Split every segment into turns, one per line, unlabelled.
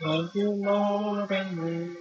Love you more than me.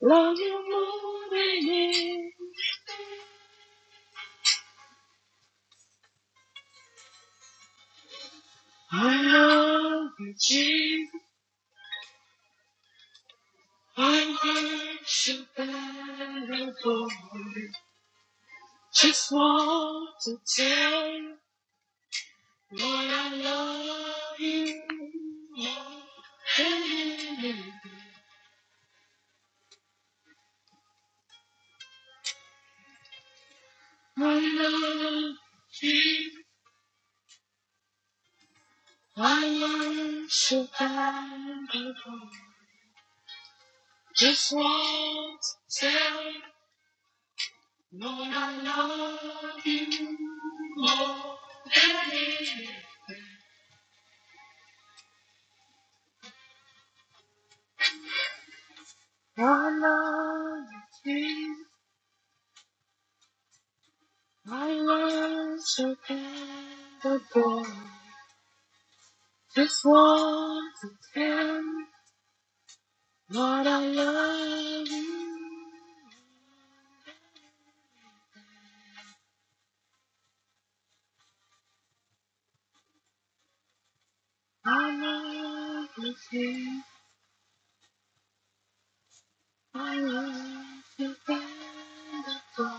Love you more than me. I love you, Jesus. I worship and adore you. Just want to tell you, Lord, I love you more than anything. I love you. I worship and adore you. Just want to tell you. Lord, I love you more than anything. I love you, I worship and adore. Just want to tell Lord, I love you. I love you, King. I worship and adore.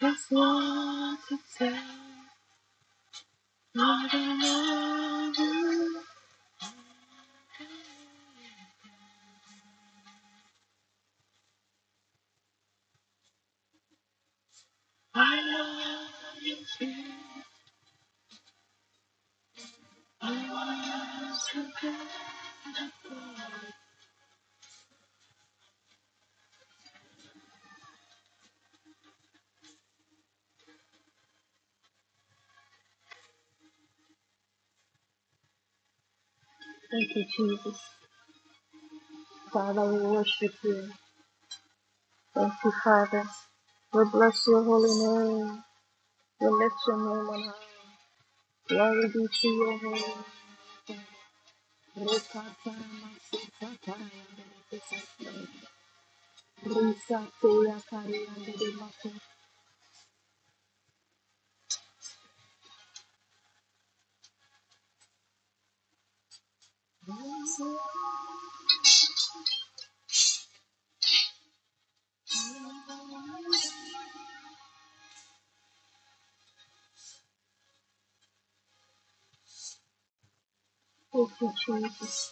Just want to tell Lord, I love you. I love you, Jesus. I love you, Jesus. Thank you, Jesus. Father, we worship you. Thank you, Father. We bless your holy name. We lift your name on high. Glory be to your holy name. Thank you, Jesus.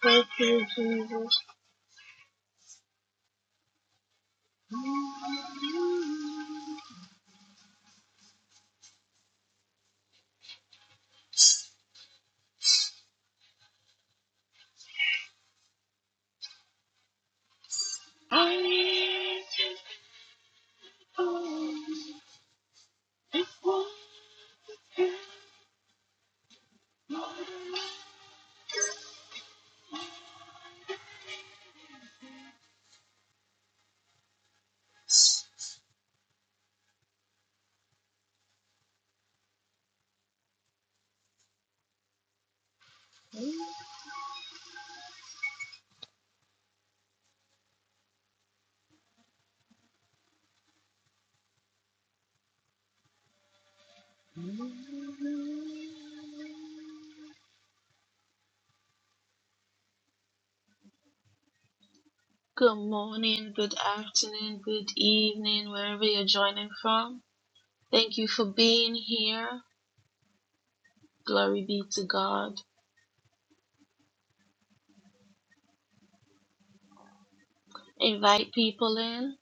Thank you, Jesus. Good morning, good afternoon, good evening, wherever you're joining from. Thank you for being here. Glory be to God. Invite people in.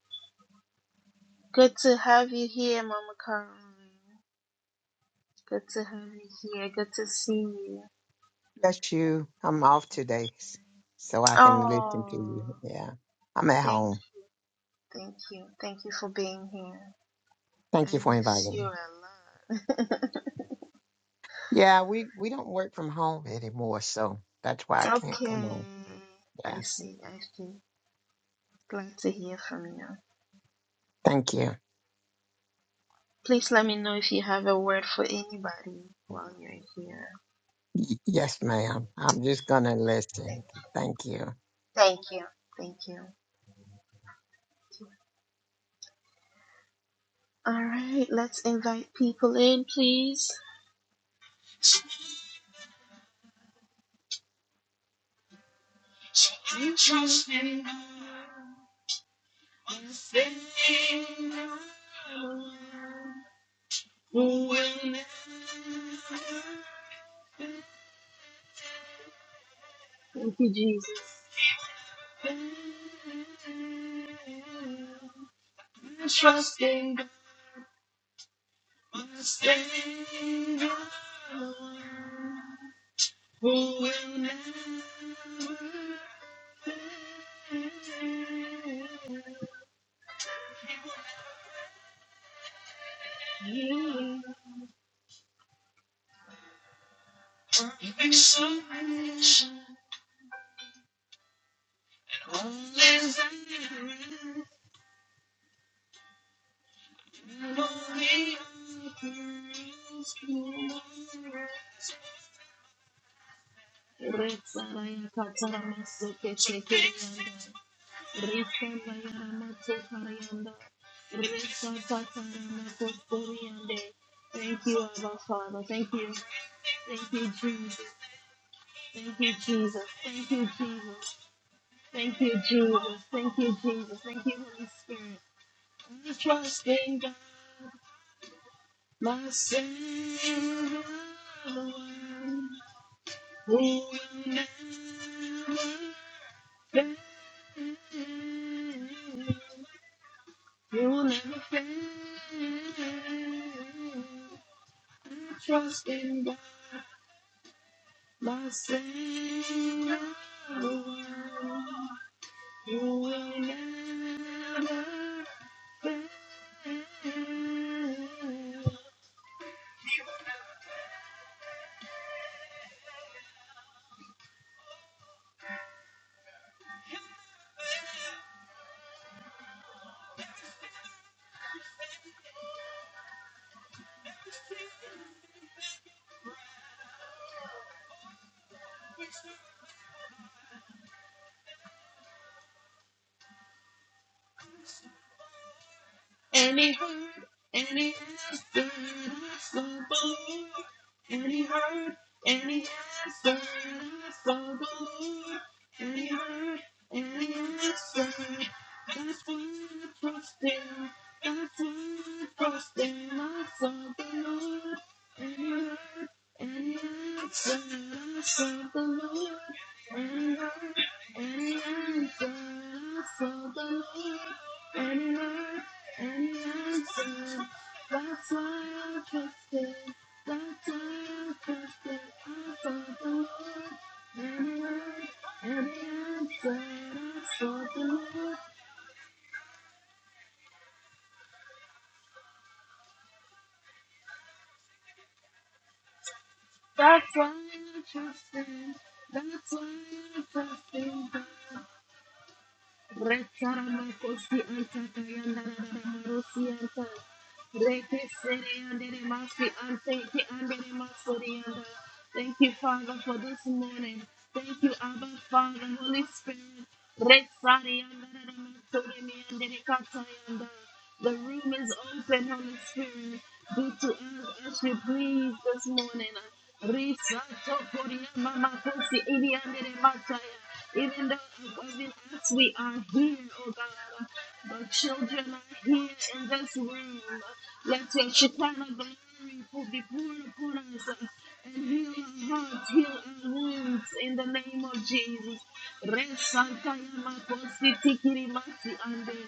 Good to have you here, Mama Caroline. Good to have you here. Good to see you.
Bless you. I'm off today, s- so I can listen to you.
Oh,
Yeah, I'm at
thank,
home.
thank you, thank you for being here. I
Thank you for
miss
inviting
you
me.
a lot.
Yeah, we we don't work from home anymore, so that's why I can't
okay.
come on.
I
Yeah,
see, I see. Glad to hear from you.
thank you.
Please let me know if you have a word for anybody while you're here.
Y- yes, ma'am. I'm just gonna listen. Thank you,
Thank you. Thank you. All right, let's invite people in, please. Thank you, Jesus. Trusting. God. Rexalaya katarama seke çekerianda. Thank you, Abba Father. Thank you. Thank you, Jesus. Thank you, Jesus. Thank you, Jesus. Thank you, Jesus. Thank you, Jesus. Thank you, Holy Spirit. I trust in God, my Savior, the one who will never fail. He will never fail. Trust in God, my Savior, the one who will never fail. And he heard, and he answered, it's the Lord. And he heard, and he answered, it's the Lord. And he heard, and he answered, that's why I trust him. That's why I trust him. I saw the Lord. And he heard, and he answered, I saw the Lord. And he heard, and he answered, I saw the Lord. And he heard, and that's why, that's why I trust it. That's why I trust it. I sought the Lord, and He heard, and He answered. I sought the Lord. That's why I trust Him. That's why I trust Him. Retaramakosi antaka yandararamarosi anta. Reke sere yandere masi ante ke andere masori yanda. Thank you, Father, for this morning. Thank you, Abba, Father, Holy Spirit. Resari yandararamatori mi andere kata yanda. The room is open, Holy Spirit. Do to us as you please this morning. Risa tokoria mamakosi ili andere mataya. Even though, even as we are here, oh God, the children are here in this room. Let your Shekinah glory pour- be poured upon us uh, and heal our hearts, heal our wounds in the name of Jesus. Resanta yamakosi tikiri masi ande.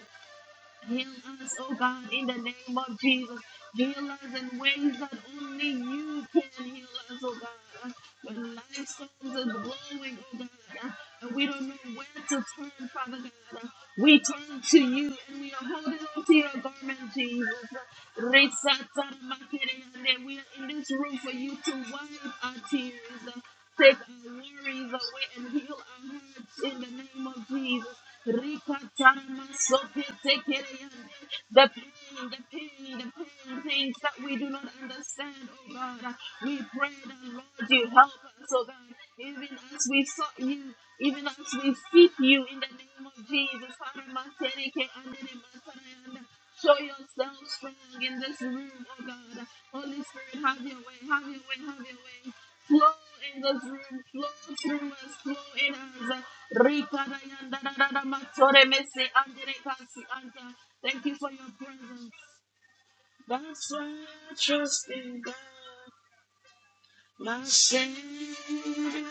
Heal us, oh God, in the name of Jesus. Heal us in ways that only you can heal us, oh God. When life storms is blowing, oh God, and we don't know where to turn, Father God, we turn to you and we are holding on to your garment, Jesus. Re-sa-sa-ma-ke-re-ande. We are in this room for you to wipe our tears, take our worries away, and heal our hearts in the name of Jesus. Rika Tarama Sote Tekeriande. The pain, the pain, the pain, things that we do not understand, oh God. We pray that, Lord, you help us, oh God. Even as we sought you, even as we seek you in the name of Jesus. Tarama Tereke Andere Matarayanda. Show yourself strong in this room, oh God. Holy Spirit, have your way, have your way, have your way. Flow in this room, flow through us, flow in us. Thank you for your presence. That's why I trust in God, my Savior.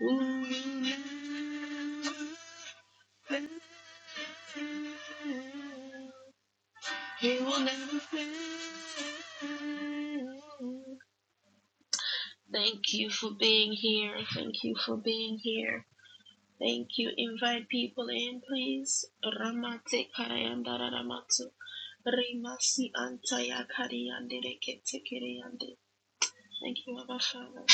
Who will never, he will never fail. Thank you for being here. Thank you for being here. Thank you. Invite people in, please. Ramate karayanda raramatu. Rimasi antaya kariyande rekete kiriyande. Thank you, Abba Father.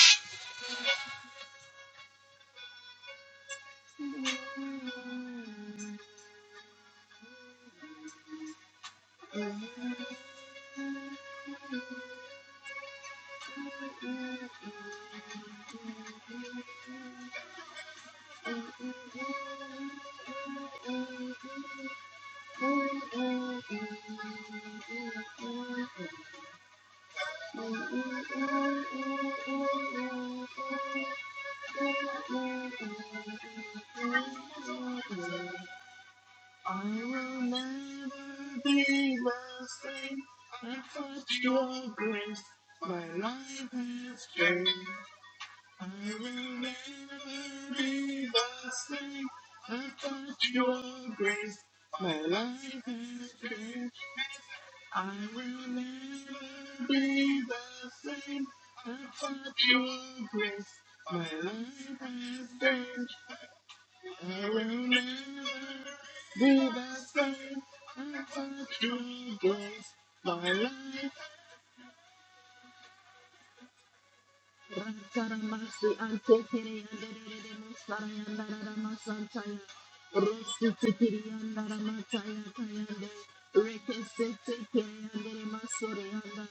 I will never be the same. I thought your grace. My life has changed. I will never be the same without your grace. My life has changed. I will never be the same without your grace. My life has changed. I will never be the same without your grace. My life Rakaramasi antekere yanderere musara yandarara masantaya. Rosi tekiri yandara mataya tayande. Rekese tekere yandere masore yanda.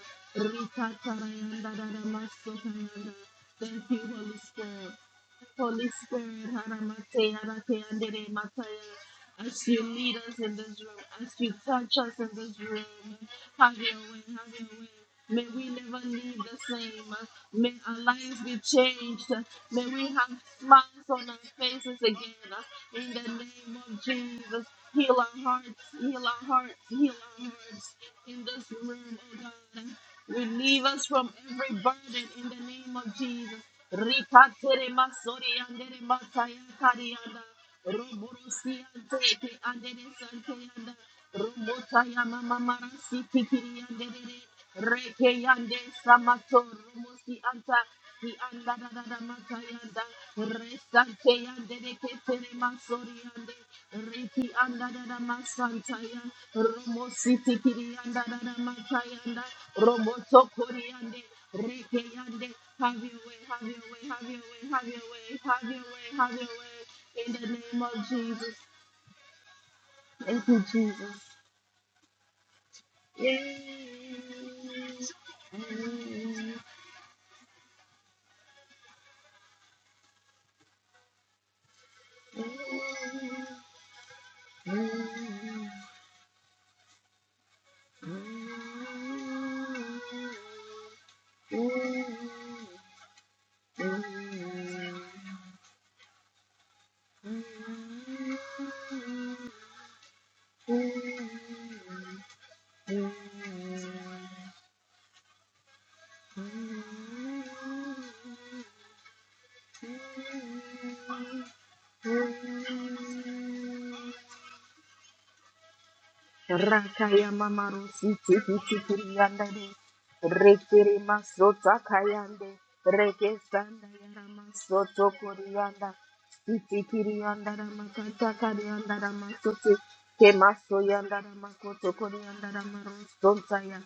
Rikatara yandarara masota yanda. Thank you, Holy Spirit. Holy Spirit, Haramate, Harate, Andere, Mataya, as you lead us in this room, as you touch us in this room, have your way, have your way. May we never leave the same. May our lives be changed. May we have smiles on our faces again. In the name of Jesus, heal our hearts, heal our hearts, heal our hearts in this room, oh God. Relieve us from every burden in the name of Jesus. Rikatere masori andere mataya karianda. Rumurusiyante ke andere sante yanda. Rumuta yama mamara si tikiri yande dere. Reke yande samato rumusi anta. Ki anda da da da mata yanda. Resante yande de ke tere masori yande. Reki anda da da masanta yanda. Rumusi tikiri yanda da da mata yanda. Rumuto kori yande. Reke yande. Have your way, have your way, have your way, have your way, have your way, have your way. In the name of Jesus. Thank you, Jesus. Yes. Rakaya mamaru siti kiti kiri yandere. Rekere masota kayande. Reke sanda yara masoto kori yanda. Siti kiri yandara makanta kari yandara masote. Ke maso yandara makoto kori yandara maru sonta ya.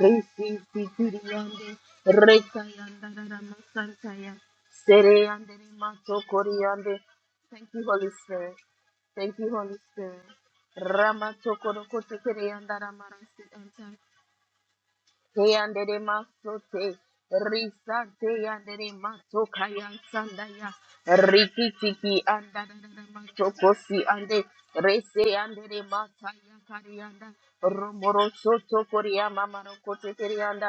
Resi sikiri yande. Reka yandara masanta ya. Sere yandere mato kori yande. Thank you, Holy Spirit. Thank you, Holy Spirit. Ramatokoro kotekere yandara marasi anta Yandere masote, risa te yandere maso kayan sandaya, riki tiki anda masoko si ande, rese yandere masaya karianda, romoro soto koria mamaro kote kerianda,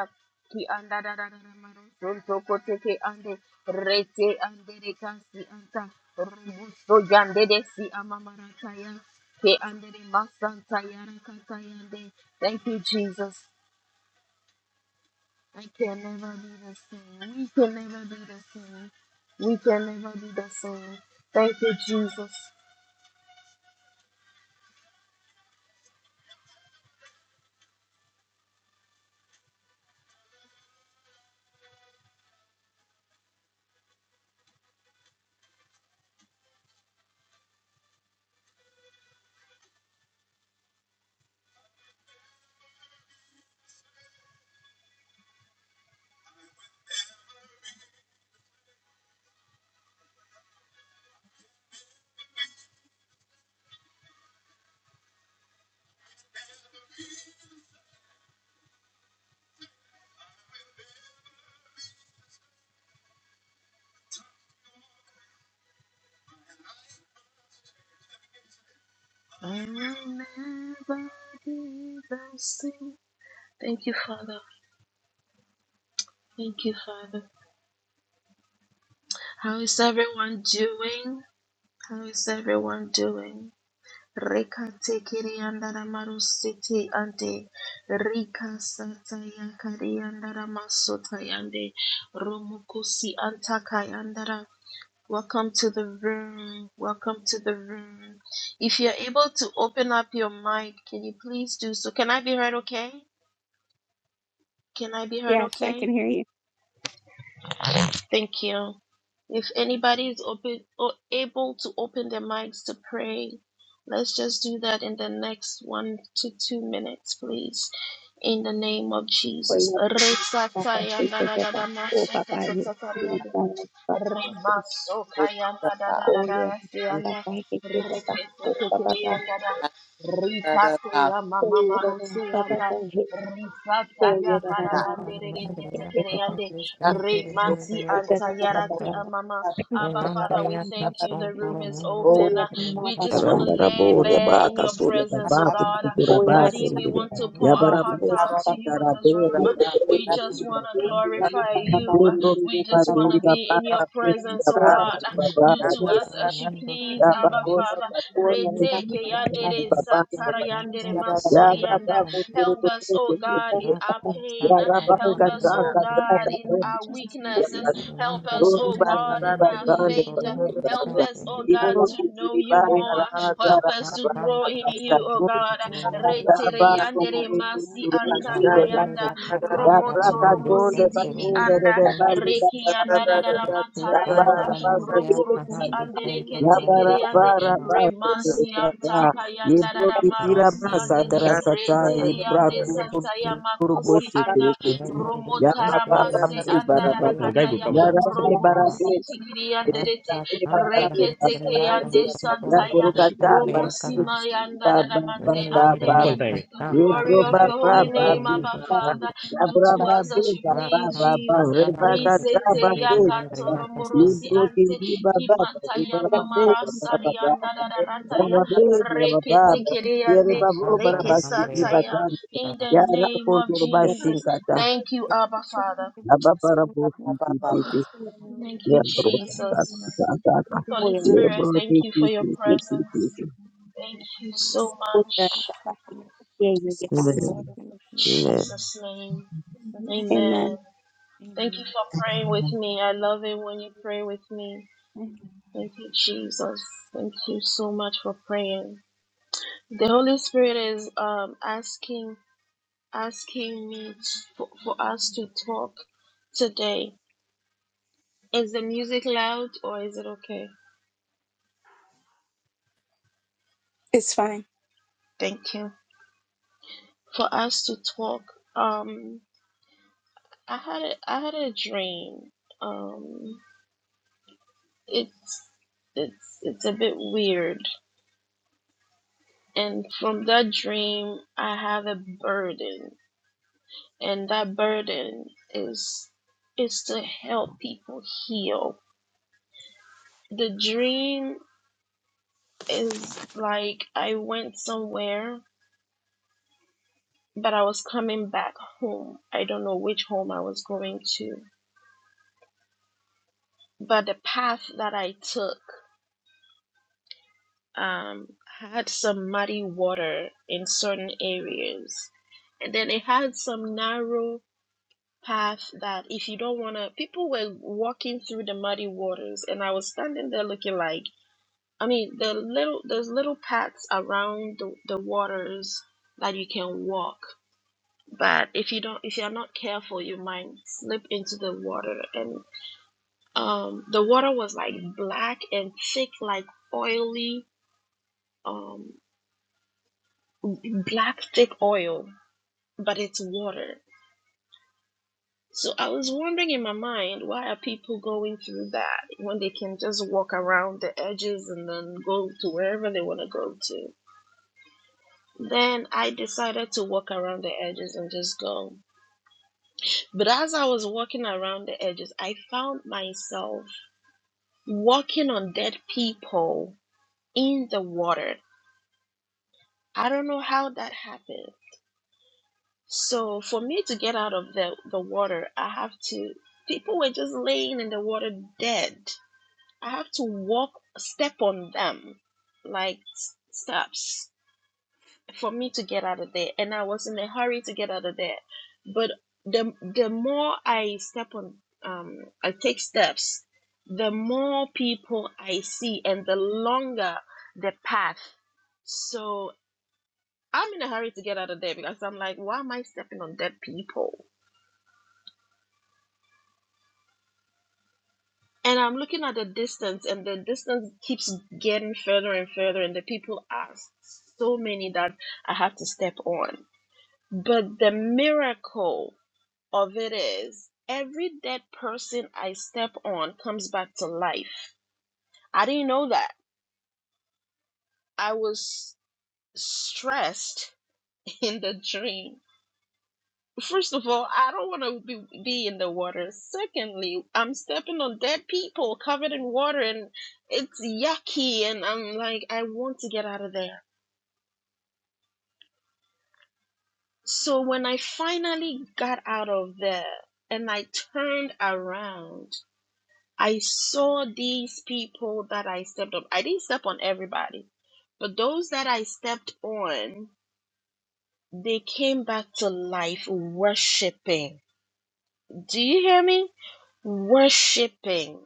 ki anda da da da da maro soto kote ke ande, rese andere kasi anta, romuso yandere si amamara kaya, ke andere masanta yara kata yande. Thank you, Jesus. I can never be the same. We can never be the same. We can never be the same. Thank you, Jesus. I will never be the same. Thank you, Father. Thank you, Father. How is everyone doing? How is everyone doing? Rika tekiri andara maru siti ante. Rika sata yakari andara masota yande. Romukusi antaka yandara. Welcome to the room. Welcome to the room. If you're able to open up your mic, can you please do so? Can I be heard okay? Can I be heard
Yes, I
okay?
can hear you.
Thank you. If anybody is open or able to open their mics to pray, let's just do that in the next one to two minutes, please. In the name of
Well,
Jesus.
you have to Papa, we take it back. Oh, Papa, you know, Papa,
Remaso
Oh,
kayanda da da da
oh, yeah,
da
Papa,
sianda.
I can take back.
Rekete
Oh, Papa, Papa,
tekirianda da. Rikate ya mama
oh, yeah, da, da,
marusi
Papa,
yanda.
Papa, hey,
Risata
oh, yeah,
ya
Remember,
da, da, da, da, da,
karayande rekete
take it back.
tekiriande. Remasi
Da, da, da, Papa,
antayaraki
Papa,
amama. Abba Father,
Papa,
we thank you. The room is
oh,
open.
yeah, da,
Thank
da,
you,
We
Papa,
just
Father,
want
Papa,
to
for our
you can
faith
lay
get
Rambarabori
Papa,
bare
in you.
in
Give
baka
your
us the
surya
gift
presence,
of
oh
tabaku
this
God.
ability
tikutura
oh,
to
yeah,
use
da, da,
basi
Daddy,
this
we
for
ndiri
your
want to
own
pour our
glory.
Papa,
hearts
yabarabosi
out to
Papa,
you in
Thank
this
tarabera
room.
you,
basi
Father,
We just want to
you
for your
know,
glorify
Papa,
love and
you.
Papa,
your
you
Pedro
love.
can
We
get
just
Papa,
want
Papa,
baturi
to
hey,
be in your
babara
Thank
pesi
you
presence,
for
oh
your
oh,
God.
Papa,
babara
attention to
Do
babara
you
us.
to
get
us
Papa,
as you
Thank you,
please,
Father,
Abba
for your
yabaroshi
Father.
oh,
love and
yeah, da,
tarabesi
Reteke
your love,
da,
Lord
Papa,
baturi
yandere
Jesus.
you can get
satara
Father,
babara
we use
yandere
it for
back.
ya
masori
your
raba
glory. Thank
kuturu
Help
you, Lord,
us,
kuturu
for
oh
your
kuturu
God,
love.
Papa,
in
kuturu
our
Papa,
ya
pain.
Thank
raba
you,
Help
Lord, for
ngaza
us,
your
oh
love.
ngaza
Lord,
God,
we
in
love you,
our
ngaza
Jesus, mighty
weaknesses.
ya
name.
Help us,
Father, we
oh
thank you
God,
for
in our
everything
Thank
you've
faith.
done, everything
Help
that
us,
you
oh
do,
God,
everything
to
that
know you more. Help us,
you've done.
Alandria
Maro
Casandra Mandi Sensible Mundo Sensi Sandra Mandria
you.
Casandra Sensible Mundo Santona Rasandria Casandra Mundo Sensi Mundo Sensible Mundo
Ah, fucking the
Sensria
guy go come
Casandra
now.
Santona
Rossi
Rasandra
Reketeke
Mandria
yande
Casandra
santaya
Mundo
Okay.
Sandria Caha
romosima yanda dadamante ande
One
Winandria
point time. eh.
to the
Casandra
glory of
Mundo
your holy
Sensible
name, Abba
Mundo
Father, do to
Um,
us as you please, Jesus.
Rakastan para mandri,
Risete
entiri mandri,
Ya
yakato
yakastan,
romorosi
Libro que
ante
viva baba,
kimata
viva la
yamamara
paseta, para baba,
sarianda
para
dadarataya
babe, para baba,
reketeke
yere
yande
babu, para bashi, viva
rekesataya
tanto,
in the
yara
name
con
of
turbashin
Jesus.
kata,
Thank you, Abba Father.
abba para
Ba ba
bosi,
ba ba.
titi,
Thank you,
libro, tata,
Jesus.
tata,
Holy Spirit,
libro,
thank you for
titi,
your
titi, titi,
presence.
titi.
Thank you so much.
Amen. Amen.
Jesus' name. Amen.
Amen.
Thank you for praying with me. I love it when you pray with me. Thank you, Jesus. Thank you so much for praying. The Holy Spirit is um, asking asking me for, for us to talk today. Is the music loud or is it okay?
It's fine.
Thank you. For us to talk. Um, I had a I had a dream. Um, it's it's it's a bit weird, and from that dream, I have a burden, and that burden is is to help people heal. The dream is like I went somewhere, but I was coming back home. I don't know which home I was going to, but the path that I took. um, had some muddy water in certain areas. And then it had some narrow path that if you don't want to, people were walking through the muddy waters. And I was standing there looking like, I mean, the little, there's little paths around the, the waters that you can walk. But if you don't, if you're not careful, you might slip into the water. And um, the water was like black and thick, like oily. Um, black thick oil, but it's water. So I was wondering in my mind, why are people going through that when they can just walk around the edges and then go to wherever they want to go to? Then I decided to walk around the edges and just go. But as I was walking around the edges, I found myself walking on dead people in the water. I don't know how that happened. So for me to get out of the, the water, I have to, people were just laying in the water dead. I have to walk, step on them like steps for me to get out of there. And I was in a hurry to get out of there. But the, the more I step on, um, I take steps, the more people I see and the longer the path. So I'm in a hurry to get out of there because I'm like, why am I stepping on dead people? And I'm looking at the distance, and the distance keeps getting further and further, and the people are so many that I have to step on. But the miracle of it is every dead person I step on comes back to life. I didn't know that. I was stressed in the dream First of all, I don't want to be, be in the water. Secondly, I'm stepping on dead people covered in water and it's yucky and I'm like, I want to get out of there. So when I finally got out of there and I turned around, I saw these people that I stepped on. I didn't step on everybody, but those that I stepped on, they came back to life worshiping. Do you hear me? Worshiping.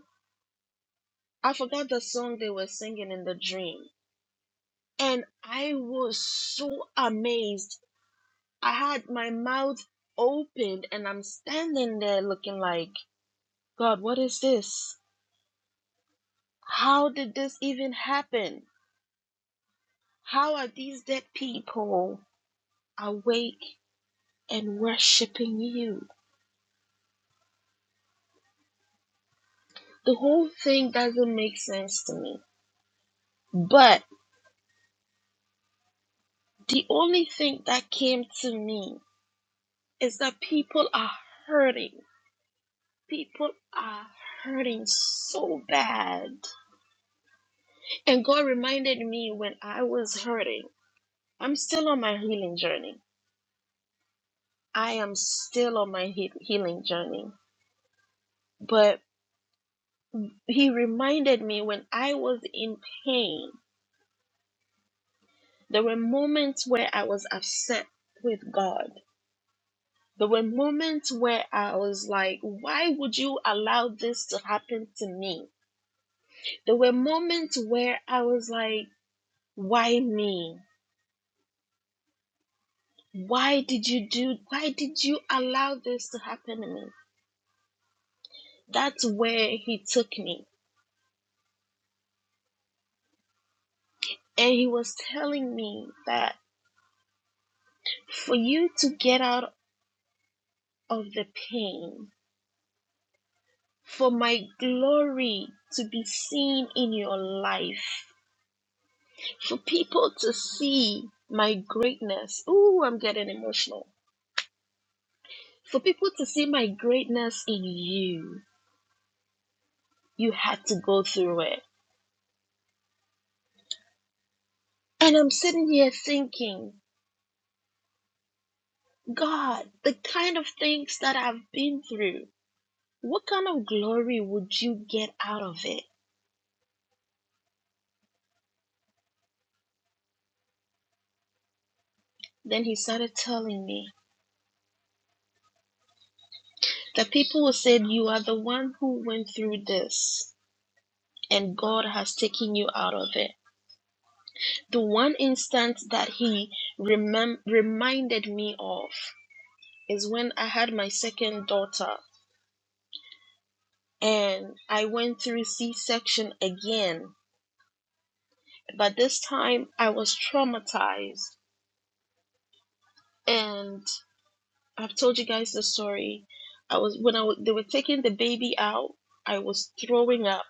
I forgot the song they were singing in the dream. And I was so amazed. I had my mouth opened and I'm standing there looking like, God, what is this? How did this even happen? How are these dead people awake and worshiping you? The whole thing doesn't make sense to me. But the only thing that came to me is that people are hurting People are hurting so bad. And God reminded me when I was hurting, I'm still on my healing journey. I am still on my he- healing journey. But He reminded me when I was in pain, there were moments where I was upset with God. There were moments where I was like, why would you allow this to happen to me? There were moments where I was like, why me? why did you do why did you allow this to happen to me that's where he took me and he was telling me that for you to get out of the pain for my glory to be seen in your life for people to see my greatness ooh i'm getting emotional for people to see my greatness in you you had to go through it and i'm sitting here thinking God, the kind of things that I've been through, what kind of glory would you get out of it? Then he started telling me that people said You are the one who went through this, and God has taken you out of it. The one instance that he remem- reminded me of is when I had my second daughter, and I went through C section again, but this time I was traumatized. and. I've told you guys the story. I was when I w- they were taking the baby out, I was throwing up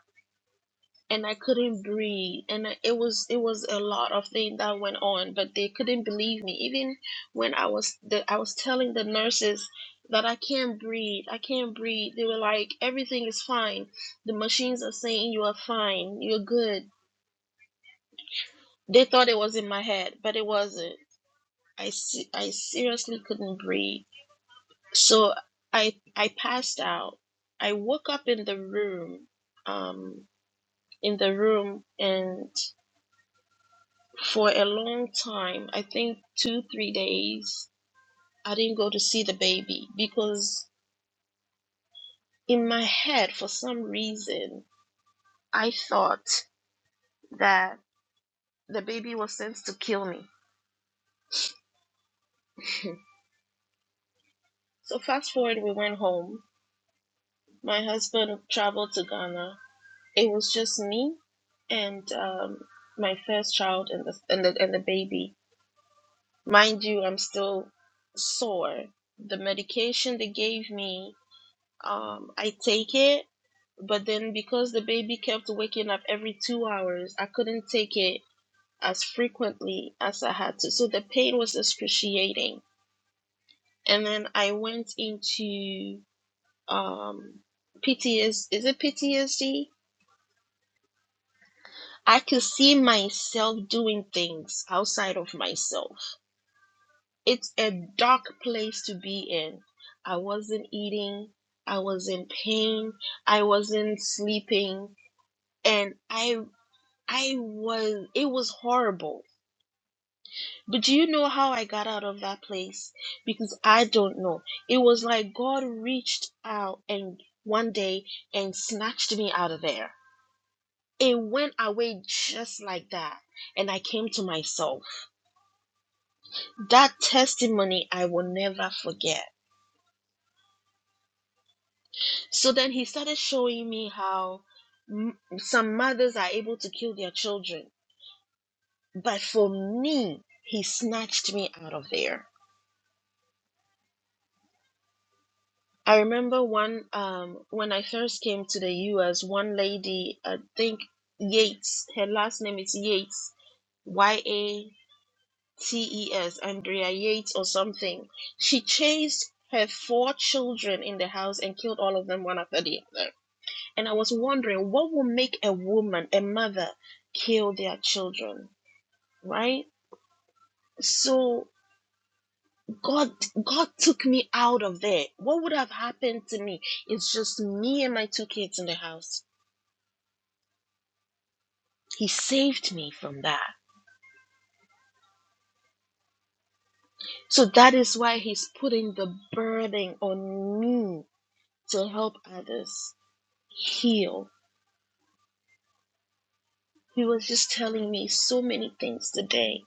and I couldn't breathe and I- it was it was a lot of things that went on, but they couldn't believe me. Even when I was the, I was telling the nurses that I can't breathe, I can't breathe. They were like, "Everything is fine. The machines are saying you are fine. You're good." They thought it was in my head, but it wasn't. I se- I seriously couldn't breathe So I I passed out. I woke up in the room, um, in the room, and for a long time, I think two three days, I didn't go to see the baby because in my head, for some reason, I thought that the baby was sent to kill me. So fast forward, we went home. My husband traveled to Ghana. It was just me and um, my first child and the and the, and the baby Mind you, I'm still sore. The medication they gave me, um, I take it, but then because the baby kept waking up every two hours, I couldn't take it as frequently as I had to. So the pain was excruciating. And then I went into um PTSD. Is it PTSD? I could see myself doing things outside of myself. it's a dark place to be in. I wasn't eating, I was in pain, I wasn't sleeping, and I I was it was horrible. But do you know how I got out of that place? Because I don't know. It was like God reached out and one day and snatched me out of there. It went away just like that, and I came to myself. That testimony I will never forget So then he started showing me how m- some mothers are able to kill their children. But for me, he snatched me out of there. I remember one um, when I first came to the US, one lady, I think Yates, her last name is Yates, Y A T E S, Andrea Yates or something. She chased her four children in the house and killed all of them one after the other And I was wondering what will make a woman, a mother, kill their children, right? So God God took me out of there. What would have happened to me? It's just me and my two kids in the house. He saved me from that. So that is why he's putting the burden on me to help others heal. He was just telling me so many things today.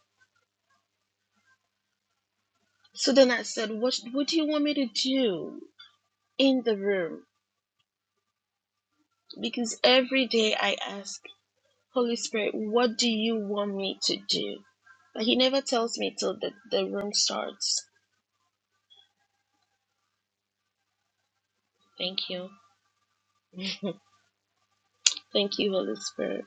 So then I said, What, what do you want me to do in the room? because every day I ask, Holy Spirit, what do you want me to do? But He never tells me till the, the room starts. Thank you. Thank you, Holy Spirit.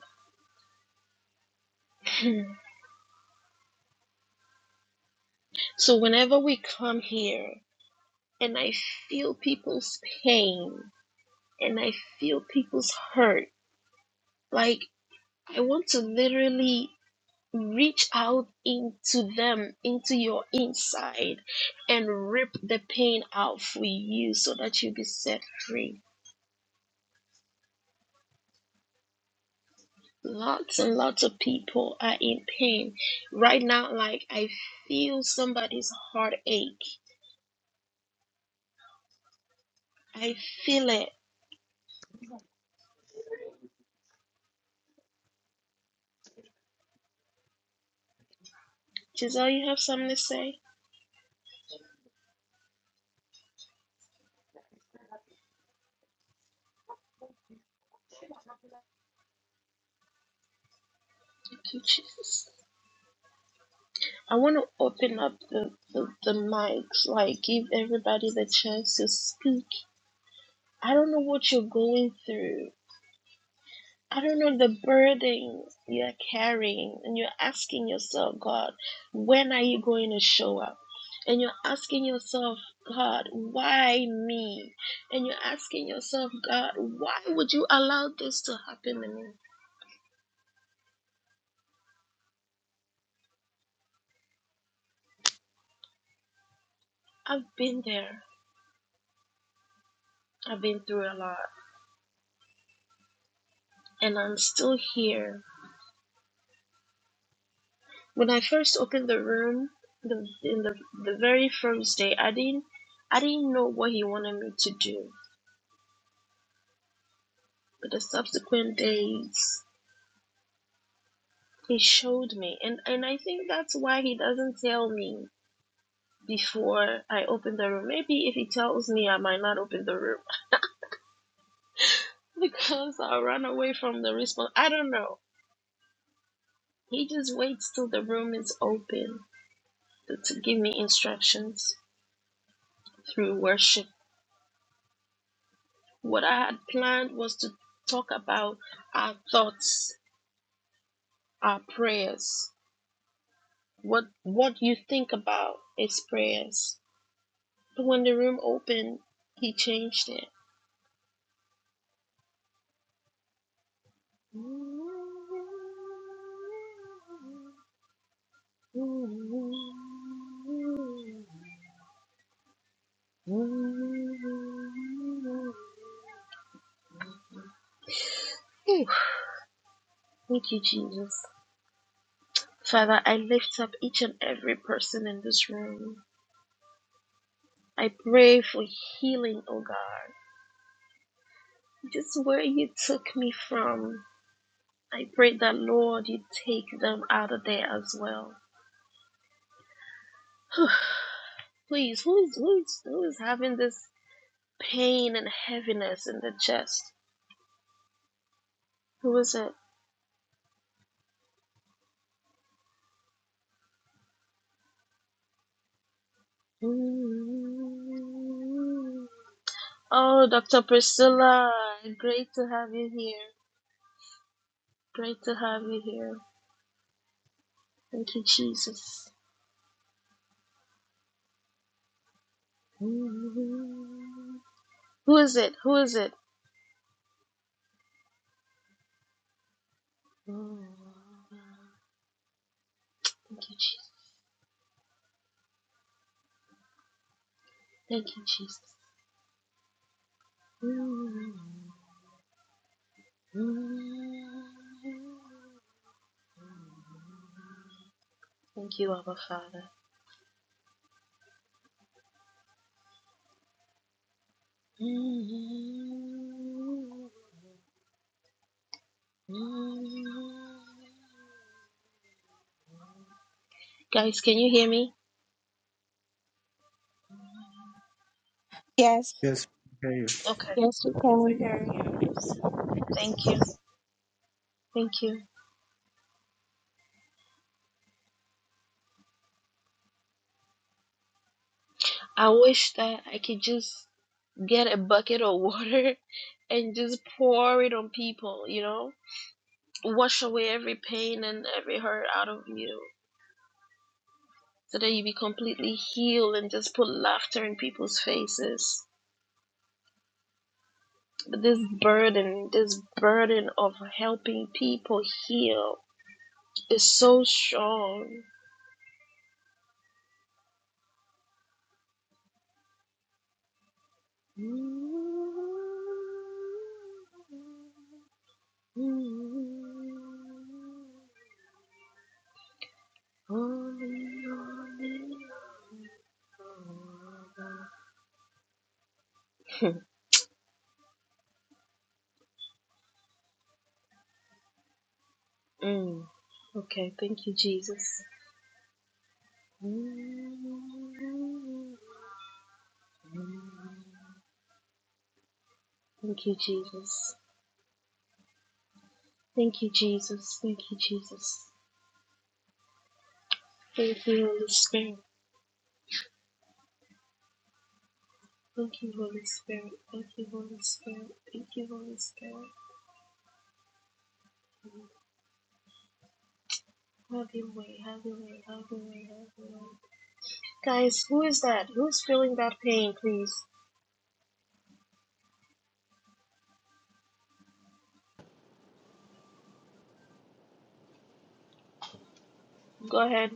So whenever we come here and I feel people's pain and I feel people's hurt, like I want to literally reach out into them, into your inside, and rip the pain out for you so that you be set free. Lots and lots of people are in pain right now. Like, I feel somebody's heartache. I feel it. Giselle, you have something to say? Thank you, Jesus. I want to open up the, the, the mics, like, give everybody the chance to speak. I don't know what you're going through. I don't know the burden you're carrying, and you're asking yourself, God, when are you going to show up? And you're asking yourself, God, why me? And you're asking yourself, God, why would you allow this to happen to me? I've been there. I've been through a lot, and I'm still here. When I first opened the room, the in the the very first day, I didn't I didn't know what he wanted me to do. But the subsequent days He showed me, and and I think that's why he doesn't tell me before I open the room. Maybe if he tells me, I might not open the room because I'll run away from the response. I don't know. He just waits till the room is open to, to give me instructions through worship. What I had planned was to talk about our thoughts, our prayers. What what you think about is prayers. But when the room opened, he changed it. Hmm. Thank you, Jesus. Father, I lift up each and every person in this room. I pray for healing, oh God. Just where you took me from, I pray that, Lord, you take them out of there as well. Please, who is, who is, who is having this pain and heaviness in the chest? Who is it? Oh, Dr. Priscilla, great to have you here. Great to have you here. Thank you, Jesus. Who is it? Who is it? Thank you, Jesus. Thank you, Jesus. Thank you, Abba Father. Guys, can you hear me?
Yes.
yes yeah,
Okay.
Yes, you
Yes, we
can.
hear you.
Thank you. Thank you. I wish that I could just get a bucket of water and just pour it on people, you know? Wash away every pain and every hurt out of you so that you be completely healed and just put laughter in people's faces. But this burden, this burden of helping people heal It's so strong. Holy, holy. mm. Okay, thank you, Jesus. Thank you, Jesus. Thank you, Jesus. Thank you, Jesus. Thank you, Holy Spirit. Thank you, Holy Spirit. Thank you, Holy Spirit. Thank you, Holy Spirit. Have your way, have your way, have your way, have your way. Guys, who is that? Who's feeling that pain, please? Go ahead.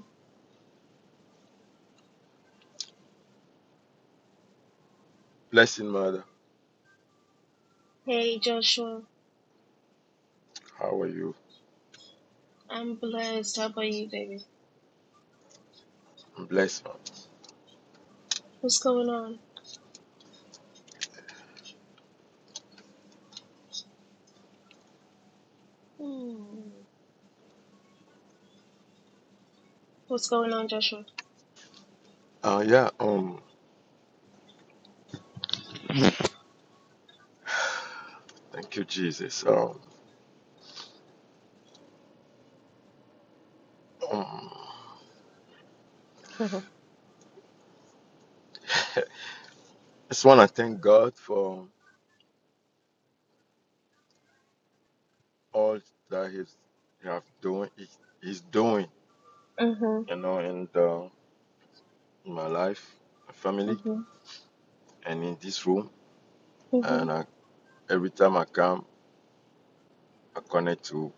Blessing mother,
Hey, Joshua.
how are you?
I'm blessed. How about you, baby?
Blessing.
What's going on? Hmm. What's going on, Joshua?
Uh yeah, um thank you Jesus. Um, um I just wanna thank God for all that he's he have doing he, he's doing,
Mhm.
you know, in the in my life, my family
Mhm.
and in this room.
Mhm.
And I, every time I come I connect to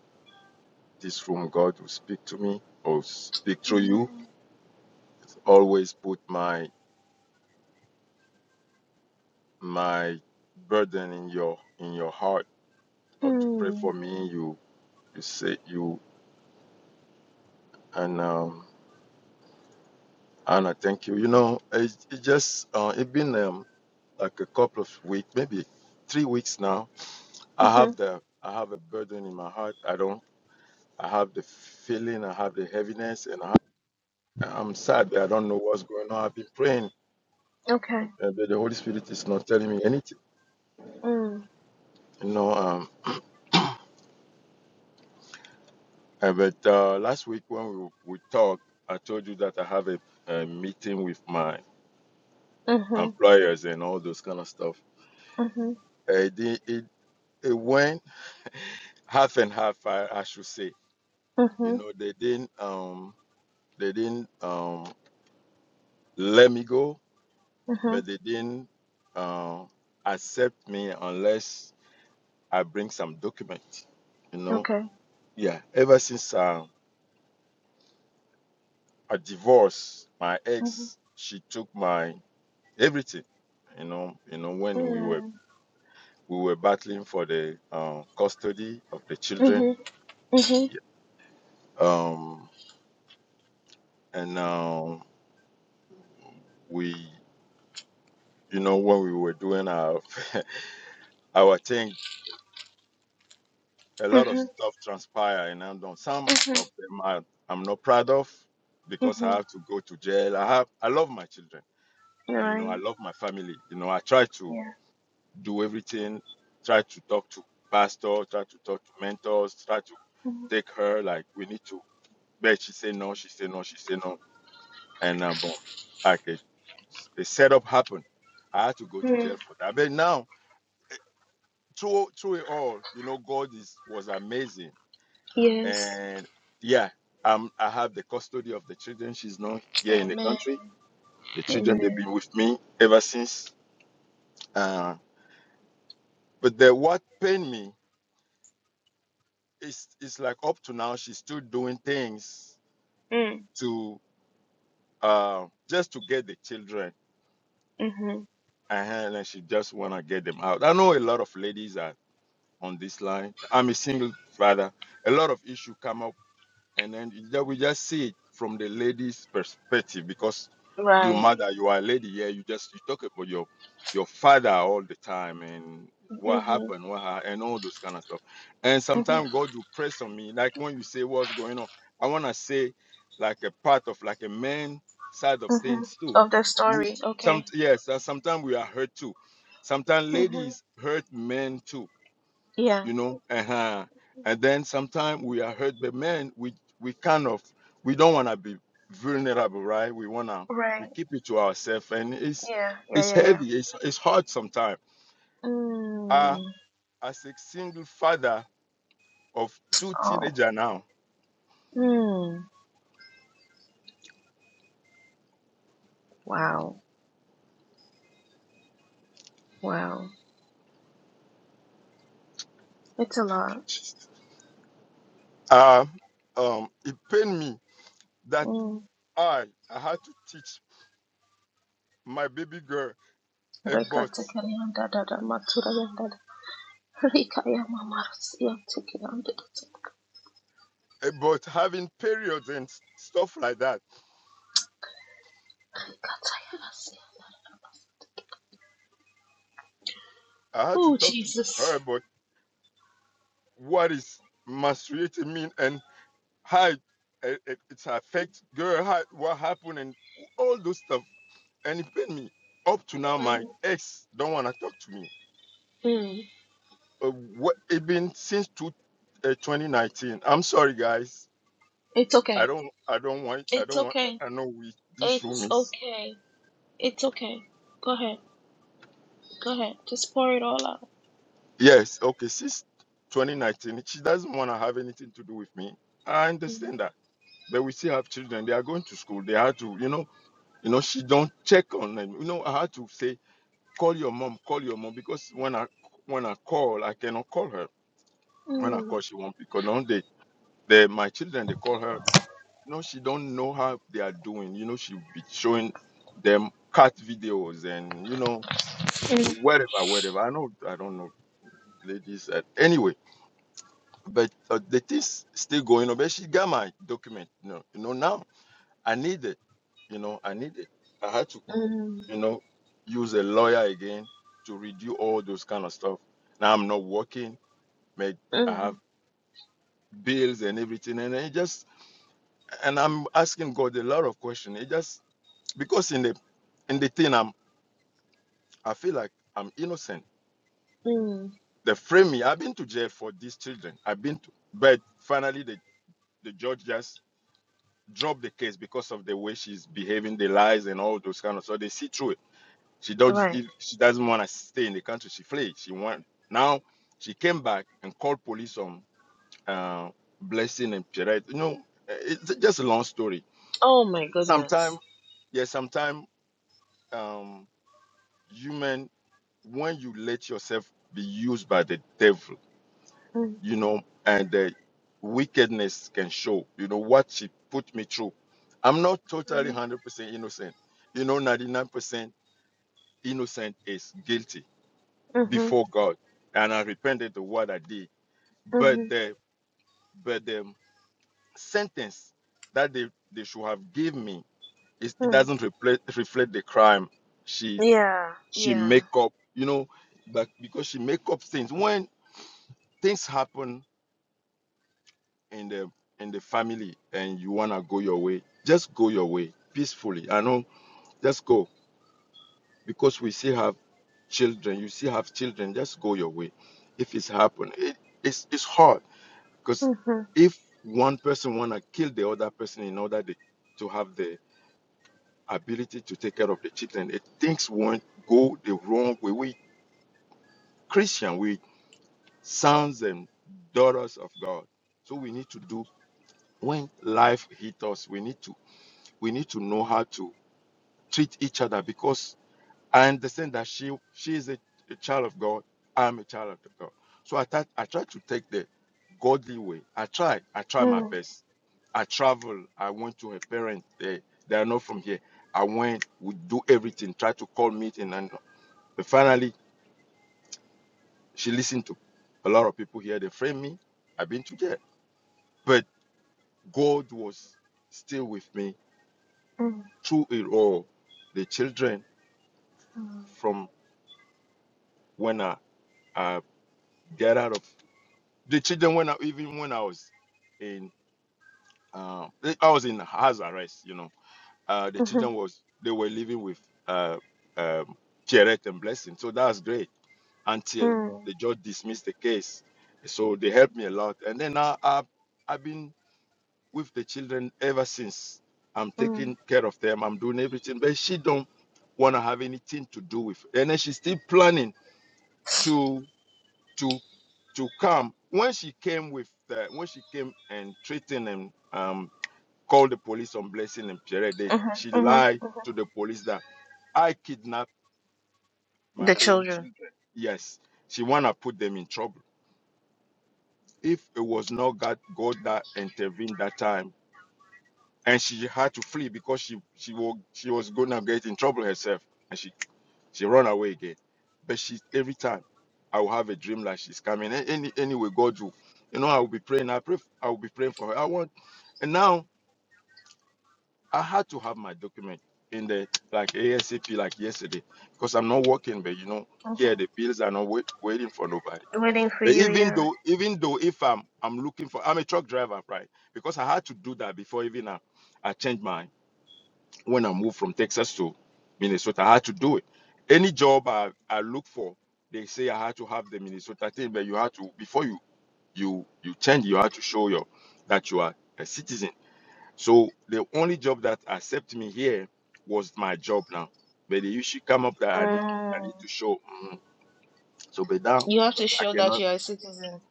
this room, God will speak to me or speak through you.
Mhm.
It's always put my my burden in your in your heart or to pray
Hmm.
for me. You to see you and um, Anna. Thank you. You know, it, it just uh, it been um, like a couple of weeks, maybe three weeks now. I have
Mhm.
the I have a burden in my heart. I don't. I have the feeling. I have the heaviness, and I, have, I'm sad. that I don't know what's going on. I've been praying, uh,
Okay.
but the Holy Spirit is not telling me anything.
Mhm.
You know, um, uh, but uh, last week when we, we talked, I told you that I have a, a meeting with my
Mhm.
employers and all those kind of stuff.
Mhm.
Uh, It, di- it did It went half and half, I, I should say. You
Mhm.
know, they didn't um they didn't um let me go,
Mhm.
but they didn't um accept me unless I bring some document. You know,
Okay.
yeah. Ever since um I divorced my
Mhm.
ex, she took my everything. You know, you know when we were
Mm.
we were battling for the um, custody of the children.
Mhm.
Yeah, Um, and um, we you know, when we were doing our our thing, a lot of
Mhm.
stuff transpired, and I'm done.
Mhm.
Some
Mhm.
of them are, I'm not proud of because I
Mhm.
have to go to jail. I have I love my children,
All
and you know,
right.
I love my family. You know, I try to
Yeah.
do everything, try to talk to pastor, try to talk to mentors, try to take her like we need to. But she say no, she say no, she say no, and um, like a, a setup happened. I had to go to jail
Mm.
for that. But now through through it all, you know, God is was amazing.
Yes.
And yeah, um, I have the custody of the children. She's not here in the
Amen.
country. The children they've
Amen.
been with me ever since. Uh, but the what pained me is is like up to now she's still doing things
Mm.
to uh just to get the children
Mhm.
and and she just wanna get them out. I know a lot of ladies are on this line. I'm a single father. A lot of issue come up and then you ju- we just see it from the lady's perspective because you
Right.
mother you are a lady yeah you just you talk about your your father all the time and what
Mhm.
happened what ha- and all those kind of stuff and
Mhm.
sometimes god will press on me like when you say what's going on i want to say like a part of like a man side of things too
Of that
we,
story.
some
Okay.
yes sometimes we are hurt too sometimes
Mhm.
ladies hurt men too
Yeah.
you know uh-huh. and then sometimes we are hurt by men we we kind of we don't want to be vulnerable right we want to we
Right.
keep it to ourselves and it's
Yeah. Yeah.
it's
Yeah. Yeah.
heavy it's it's hard sometimes uh,
Mm.
as a single father of two
Oh.
teenagers now
Mm. Wow, wow. It's a lot.
uh, um, it pained me that
Mm.
i i had to teach my baby girl
Reka
about
tekelianda da da matura yanda da. Rika ya mama rasia tekelianda da da.
about having periods and s- stuff like that
Rika taya rasia.
i had to
Oh,
talk to her
Jesus.
about what is menstruating mean and how it, it, it's affect girl, how, what happened and all those stuff. And it pain me. Up to now, my
Mm.
ex don't want to talk to me.
Mm.
Uh, what it been since two, uh, 2019. I'm sorry, guys.
It's
I
okay.
don't, I don't want, I
It's
don't want.
okay.
I know we this room
It's
is
okay. It's okay. Go ahead. Go ahead. Just pour it all out.
yes, okay. Since 2019, she doesn't want to have anything to do with me. I understand that, but we still have children. They are going to school. They have to, you know You know, she don't check on them. You know, I had to say, call your mom, call your mom, because when I when I call, I cannot call her. When I
Mm.
call, she won't pick up. No, they, they my children, they call her. No, she don't know how they are doing. You know, she'll be showing them cat videos and you know
Mm.
whatever, whatever. I know, I don't know, ladies. Uh, anyway, but uh, the thing's still going on. But she got my document. You know, you know now I need it. You know, I need it. I had to
Mm.
you know, use a lawyer again to redo all those kind of stuff. Now I'm not working, mate. I
Mm.
have bills and everything, and it just and I'm asking God a lot of questions. It just because in the in the thing I'm I feel like I'm innocent.
Mm.
They frame me. I've been to jail for these children. I've been to, but finally the the judge just dropped the case because of the way she's behaving, the lies and all those kind of. So they see through it. She does
Right.
if she doesn't want to stay in the country, she fled. She went. Now she came back and called police on uh, Blessing and Pierrette. You know, eh, it's just a long story.
Oh my goodness.
Sometimes, yeah, sometimes um, human when you let yourself be used by the devil,
Mm.
you know, and the wickedness can show. You know what she put me through. I'm not totally one hundred percent innocent. You know, ninety nine percent innocent is guilty
Mm-hmm.
before God, and I repented of what I did. But
Mm-hmm.
the but the sentence that they, they should have given me is it
Mm.
doesn't reflect reflect the crime she
Yeah.
she
Yeah.
make up, you know, but because she make up things when things happen in the in the family and you wanna go your way, just go your way peacefully. I know, just go because we still have children. You still have children. Just go your way. If it's happened, it, it's it's hard Because
Mm-hmm.
if one person wanna kill the other person in order the, to have the ability to take care of the children, it things won't go the wrong way. We Christian, we sons and daughters of God. So we need to do when life hits us, we need to we need to know how to treat each other because I understand that she she is a, a child of God. I'm a child of God. So I thought I tried to take the godly way. I tried. I tried my best. I traveled. I went to her parents. They they are not from here. I went. We do everything. Tried to call meeting and but finally she listened to a lot of people here. They framed me. I've been to jail. But God was still with me
Mm-hmm.
through it all. The children
mm-hmm.
from when I, I get out of the children when I, even when I was in uh, I was in house arrest, you know, uh, the
Mhm,
children was they were living with uh, um, Pierrette and Blessing, so that was great until
mm,
the judge dismissed the case. So they helped me a lot, and then now i I've been with the children ever since. I'm
mm,
taking care of them. I'm doing everything, but she don't want to have anything to do with. And then she's still planning to to to come when she came with the, when she came and threatened and um called the police on blessing and pierre they,
mhm,
she
mhm.
lied to the police that i kidnapped my
The
own
children
children yes she wanna put them in trouble if it was not god god that intervened that time and she had to flee because she she was she was gonna get in trouble herself She run away again. But she every time I will have a dream like she's coming. A- Any anyway, God will, you know, I will be praying. I pray. I will be praying for her. I want, and now I had to have my document in the like ASAP like yesterday because I'm not working. But you know, here the bills are not wait, waiting for nobody.
waiting for
But
you
even
here.
though, even though if I'm I'm looking for, I'm a truck driver, right? Because I had to do that before even I, I changed mine when I moved from Texas to Minnesota. I had to do it. Any job I, I look for, they say I had to have the Minnesota thing, but you had to before you you you change, you had to show your that you are a citizen. So the only job that accept me here was my job now. But they usually come up that I need I
Mm.
need to show. mm, So but now
You have to
I
show that
cannot.
you're a citizen,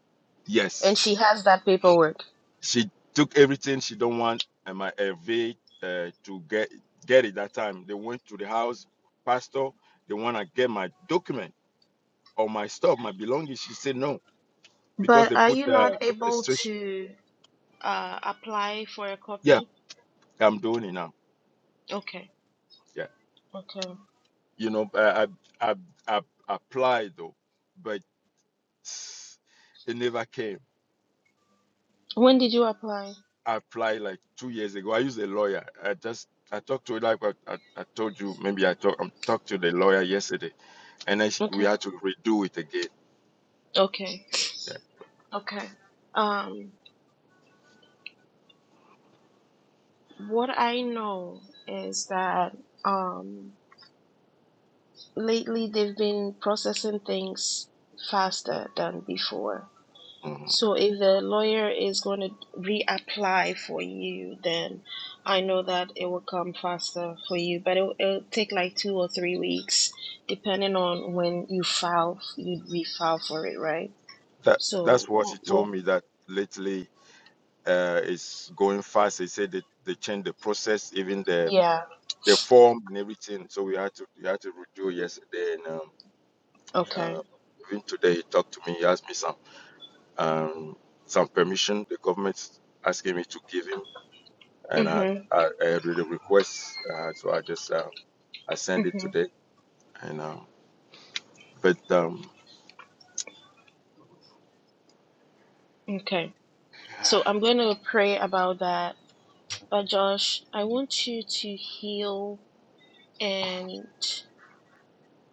and
Yes,
she has that paperwork.
She took everything she don't want, and my LV uh, to get get it that time. They went to the house, pastor. They wanna get my document or my stuff, my belongings. She said no because
But
they
are you
put
not
uh,
able
restriction.
to uh, apply for a
Yeah,
copy?
I'm doing it now.
Okay,
Yeah,
okay.
you know, uh, I, I I applied though, but it never came.
When did you apply?
I applied like two years ago. I used a lawyer. I just I talked to it like I, I, I told you maybe I talk, I talked to the lawyer yesterday and then she, we
Okay,
had to redo it again.
okay,
Yeah.
okay. Um, what I know is that um lately they've been processing things faster than before
Mhm.
So if the lawyer is going to reapply for you, then I know that it will come faster for you, but it'll, it'll take like two or three weeks, depending on when you file, you refile for it, right?
That
So,
that's what
well,
he told
well,
me that lately uh, it's going fast. He said that they changed the process, even the
yeah,
the form and everything. So we had to we had to redo yesterday, and um,
okay.
uh, even today he talked to me. He asked me some um, some permission. The government asking me to give him, and I
Mhm,
I, I really request. Uh, so I just uh, I sent it
mhm,
today, and um, but um,
okay. So I'm going to pray about that. But Josh, I want you to heal and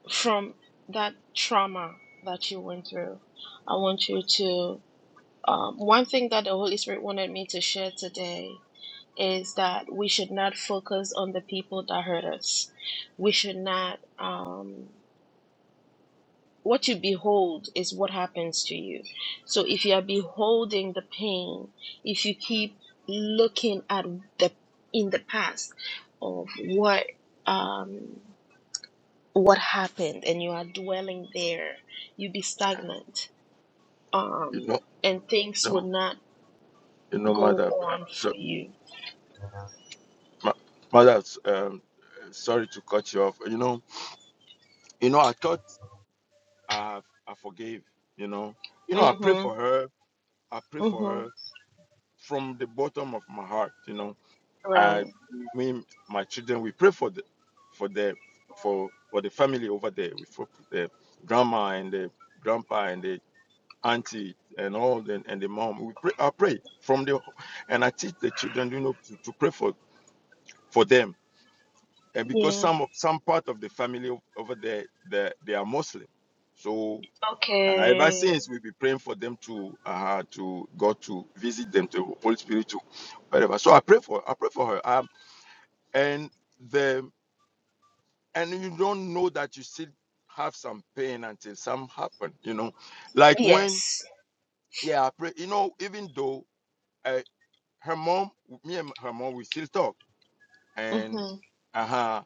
from that trauma that you went through. I want you to Um, one thing that the Holy Spirit wanted me to share today is that we should not focus on the people that hurt us. We should not. Um, what you behold is what happens to you. So if you are beholding the pain, if you keep looking at the in the past of what um, what happened and you are dwelling there, you be stagnant,
you
um,
know.
and things would
Um,
not
you know,
go
madam.
on for you
Ma- Mother, um, sorry to cut you off. You know, you know, I thought I have, I forgave. You know, you know, I pray for
Mhm.
her. I pray for
Mhm.
her from the bottom of my heart. You know, I,
Right.
me, my children, we pray for the, for the, for for the family over there. We for the grandma and the grandpa and the auntie and all the, and the mom. We pray. I pray from the, and I teach the children, you know, to, to pray for for them and because
Yeah.
some of some part of the family o- over there they, they are Muslim, so uh, ever
Okay.
since we've been praying for them to uh, to God to visit them to Holy Spirit to whatever. So I pray for I pray for her. Um, and the and you don't know that you still have some pain until some happen. You know, like when
Yes.
yeah I pray. You know, even though uh, her mom, me and her mom, we still talk and
Mhm.
uh-huh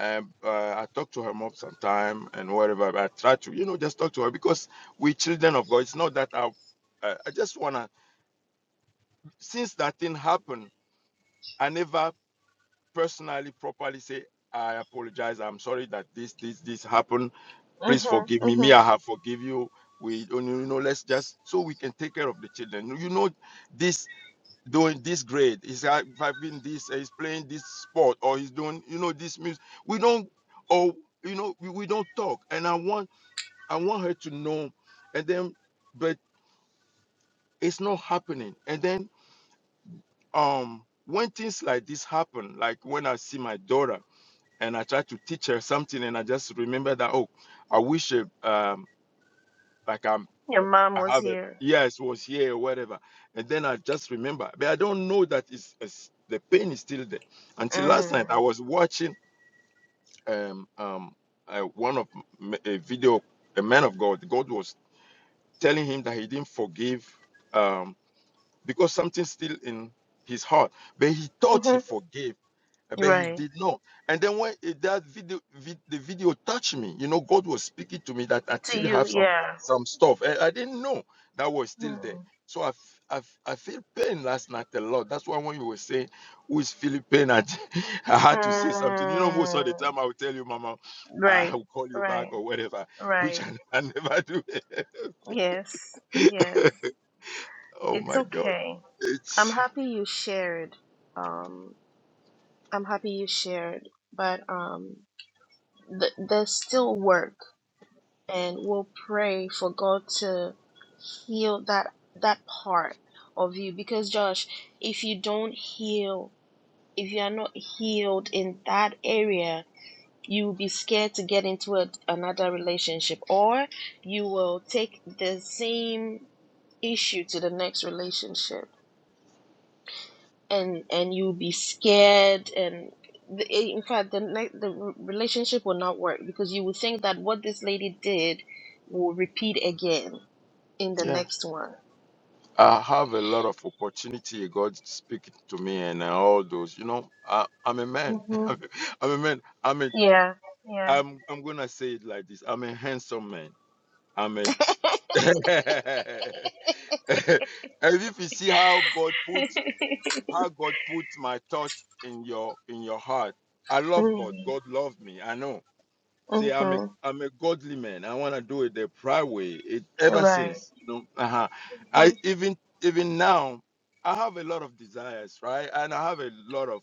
um, uh, I talk to her mom sometime and whatever. But I try to, you know, just talk to her because we children of God. It's not that I, uh, I just wanna. Since that thing happened, I never personally properly say I apologize. I'm sorry that this this this happened. Please
Mhm.
forgive me. Me,
Mhm.
I have forgive you. We, you know, let's just so we can take care of the children. You know, this. doing this grade, he's having this, uh, he's playing this sport, or he's doing, you know, this music. We don't, or you know, we, we don't talk. And I want, I want her to know. And then, but it's not happening. And then, um, when things like this happen, like when I see my daughter and I try to teach her something, and I just remember that, oh, I wish, uh, um, like I'm.
Your mom
I
was
have it.
here.
Yes, was here, whatever. And then I just remember, but I don't know that it's, it's the pain is still there. Until last night, I
Mm.
was watching um um uh, one of m- a video, a man of God. God was telling him that he didn't forgive um because something's still in his heart, but he thought he
Mhm.
forgave uh, But he
Right.
did not. And then when it, that video, vid, the video touched me, you know, God was speaking to me that I
To
still
you,
have some
yeah.
some stuff. and I, didn't know that was still there.
Mm.
So I, f- I, f- I feel pain last night a lot. That's why when you were saying who is feeling pain, I, I had to say something. You know, most of the
Mm.
time I will tell you, Mama, I
Right.
will call you back
Right.
or whatever, which
Right.
I, I never do.
Yes. Yes.
oh
It's
my God,
okay. I'm
it's
happy you shared. Um. I'm happy you shared. But um. Th- there's still work. and we'll pray for God to heal that that part of you because Josh, if you don't heal, if you are not healed in that area, you will be scared to get into a, another relationship or you will take the same issue to the next relationship and and you'll be scared and the, in fact the ne- the relationship will not work because you will think that what this lady did will repeat again in the
yeah.
next one.
I have a lot of opportunity. God speaking to me and uh, all those. You know, I, I'm a man. I'm a man. I'm a.
Yeah. Yeah.
I'm. I'm gonna say it like this. I'm a handsome man. I'm a. and if you see how God put how God put my thought in your in your heart, I love God. God loved me. I know. See, I'm a
Mm-hmm.
I'm a godly man. I want to do it the proper way. It ever
Right.
since, you know. Uh-huh. I even even now, I have a lot of desires, right? And I have a lot of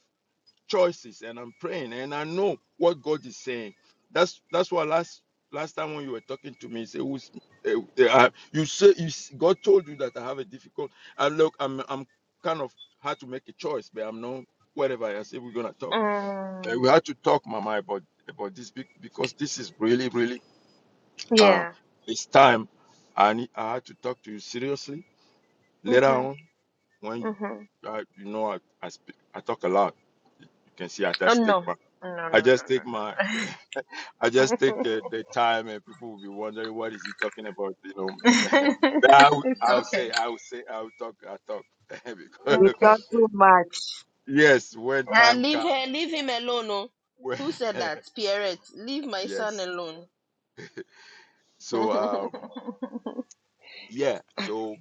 choices, and I'm praying, and I know what God is saying. That's that's why last last time when you were talking to me, you say, Who's, uh, uh, you say you s- God told you that I have a difficult. And look, I'm I'm kind of had to make a choice, but I'm not whatever. I said we're gonna talk.
Mm-hmm.
Uh, we had to talk, Mama, about about this be- because this is really, really uh,
Yeah.
it's time. I need, I had to talk to you seriously. Later
Mm-hmm.
on, when you
Mm-hmm.
uh, you know I I, speak, I talk a lot. You can see I
Oh
just take
no. No.
my
No. No.
I
No.
just take
No.
my I just take uh, the time, and people will be wondering what is he talking about. You know, But I will, I'll say I will say I will talk I talk
You
because
talk too much.
yes, when
Ah,
time
leave
comes,
her, leave him alone. Oh.
when,
Who said that? Pierrette, leave my son
yes.
alone.
So um yeah, so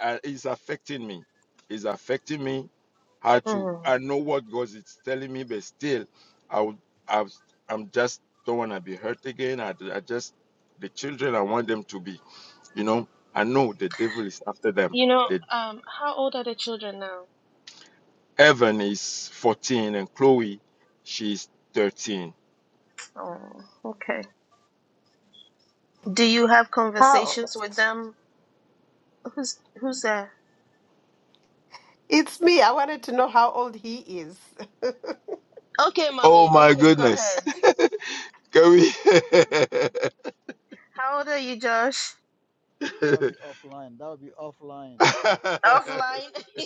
and it's affecting me. It's affecting me. How to
Mm.
I know what God is telling me, but still, I would I was- I'm just don't want to be hurt again. I, I just the children I want them to be. You know, I know the devil is after them.
You know,
The
um, how old are the children now?
Evan is 14 and Chloe, she's 13.
Oh, okay. Do you have
How?
conversations with them? Who's who's there?
It's me. I wanted to know how old he is.
Okay,
Oh
mommy.
my
Okay, go
goodness,
ahead.
can we?
How old are you, Josh?
That will be offline. That will be offline.
Offline.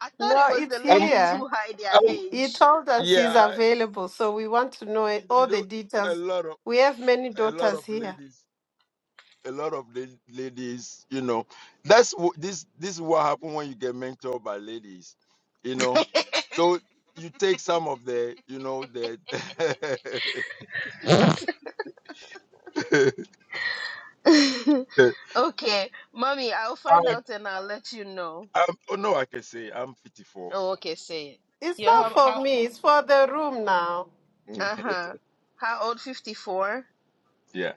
I thought
No,
it was the
it's
I'm,
ladies
here.
who hide their
I'm
He he told us he's
yeah, I-
available, so we want to know it- all
you
the
know, a
details.
lot of
We have many
a lot
daughters
of
here.
ladies a lot of la- ladies, you know, that's wh- this this is what happens when you get mentored by ladies, you know.
age.
So you take some of the, you know, the. I'm,
okay, mommy, I'll find out and I'll let you know.
I'm, oh no, I can say I'm 54.
Oh, okay, say it.
It's
You're
not
Yeah,
how,
for
how
me, it's for the room now.
uh huh. How old? Fifty four.
yeah,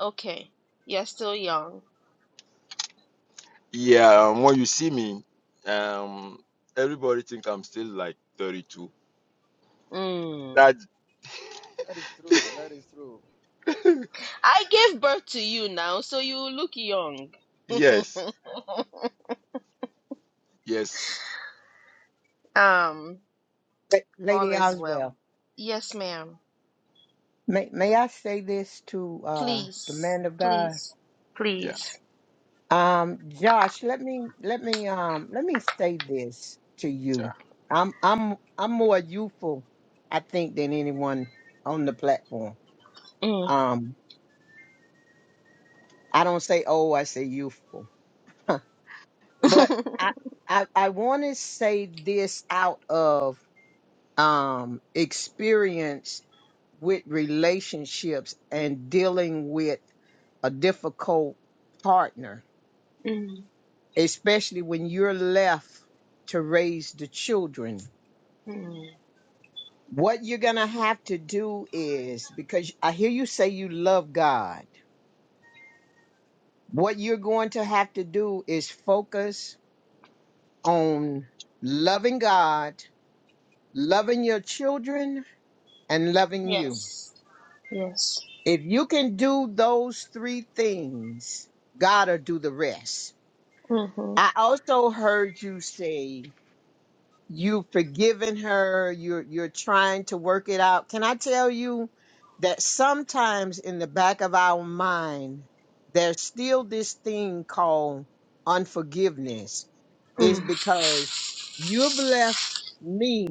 Okay, you're still young.
yeah. um, When you see me, um, everybody think I'm still like 32.
Mm.
That
That is true. That is true.
I gave birth to you now, so you look young.
yes, yes,
um,
La-
all
Lady
is well.
Oswell.
Yes, ma'am.
May May I say this to uh, the
Please,
man of God?
please,
yeah,
please.
Um, Josh, let me let me um let me say this to you.
yeah,
I'm I'm I'm more youthful, I think, than anyone on the platform.
Mm.
Um, I don't say old, I say youthful. but I I, I want to say this out of um experience with relationships and dealing with a difficult partner
Mm.
especially when you're left to raise the children.
Mm.
What you're going to have to do is because I hear you say you love God, what you're going to have to do is focus on loving God, loving your children, and loving you.
Yes. Yes.
If you can do those three things, God will do the rest.
Mm-hmm.
I also heard you say you've forgiven her you're you're trying to work it out can i tell you that sometimes in the back of our mind there's still this thing called unforgiveness is because you've left me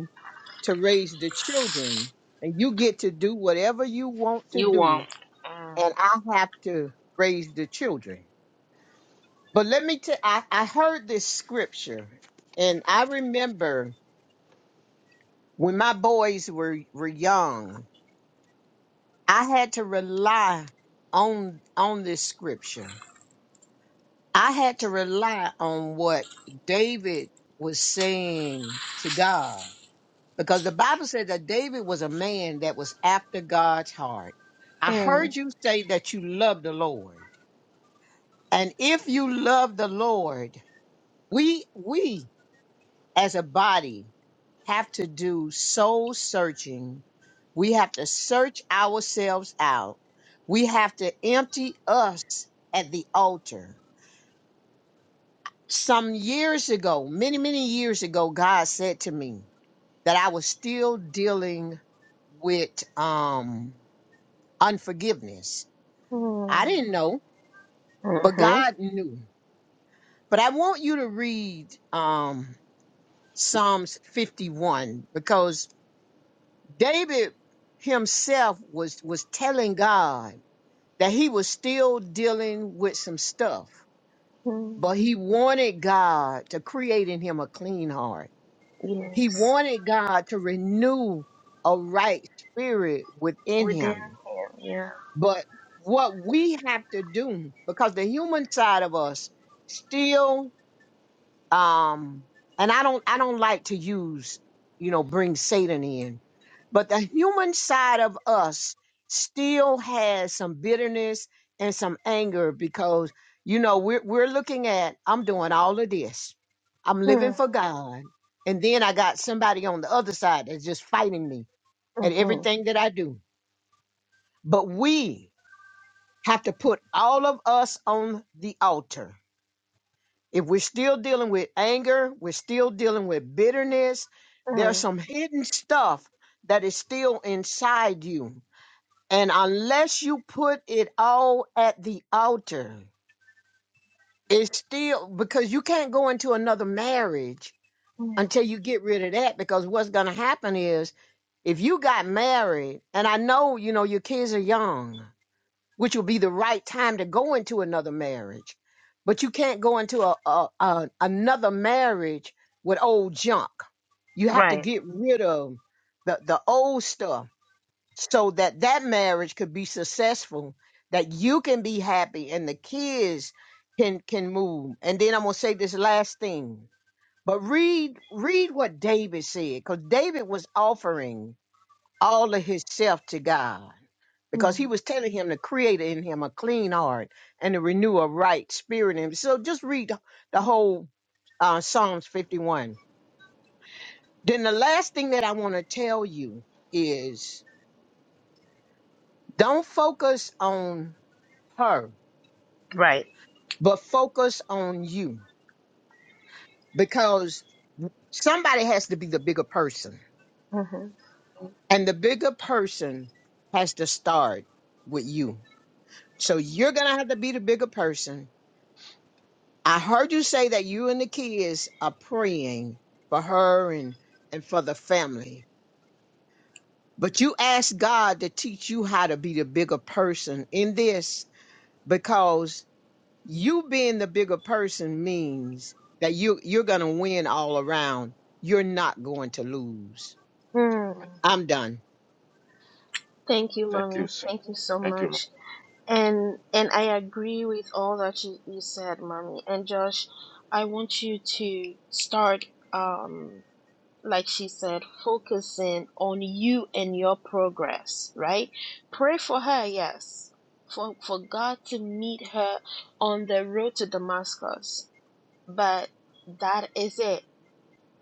to raise the children and you get to do whatever you want to
You
do
won't. Mm.
and i have to raise the children but let me tell I, I heard this scripture and i remember when my boys were were young, I had to rely on on this scripture. I had to rely on what David was saying to God because the Bible said that David was a man that was after God's heart. I
Mm.
heard you say that you love the Lord. And if you love the Lord, we we as a body have to do soul searching. We have to search ourselves out. We have to empty us at the altar. Some years ago, many, many years ago, God said to me that I was still dealing with um, unforgiveness.
Mm.
I didn't know, but
Mm-hmm.
God knew. But I want you to read um, Psalms 51 because David himself was was telling God that he was still dealing with some stuff,
Mm.
but he wanted God to create in him a clean heart. He
Yes.
wanted God to renew a right spirit within
Within
him.
him, yeah.
But what we have to do, because the human side of us still um and i don't i don't like to use you know bring satan in but the human side of us still has some bitterness and some anger because you know we're we're looking at i'm doing all of this i'm living
Mm.
for god and then i got somebody on the other side that's just fighting me at
Mm-hmm.
everything that i do but we have to put all of us on the altar if we're still dealing with anger, we're still dealing with bitterness, there's
Mm.
some hidden stuff that is still inside you. And unless you put it all at the altar, it's still because you can't go into another marriage until you get rid of that. Because what's going to happen is if you got married, and I know, you know, your kids are young, which will be the right time to go into another marriage. But you can't go into a, a, a another marriage with old junk. You have to
Right.
get rid of the, the old stuff so that that marriage could be successful, that you can be happy and the kids can can move. And then I'm gonna say this last thing. But read read what David said, because David was offering all of himself to God because
Mm.
he was telling him to create in him a clean heart and to renew a right spirit in him. So just read the whole uh, Psalms 51. Then the last thing that I want to tell you is don't focus on her,
Right.
but focus on you because somebody has to be the bigger person.
Mm-hmm.
And the bigger person has to start with you. So
yes.
you're going to have to be the bigger person I heard you say that you and the kids are praying for her and and for the family. But you asked God to teach you how to be the bigger person in this because you being the bigger person means that you you're going to win all around. You're not going to lose.
Mm.
I'm done.
Thank you,
Thank
mommy.
you, sir.
Thank you so
Thank you, ma'am.
much. And and I agree with all that you, you said, mommy. And Josh, I want you to start. Um. like she said, focusing on you and your progress, right? Pray for her, yes, for, for God to meet her on the road to Damascus. But that is it,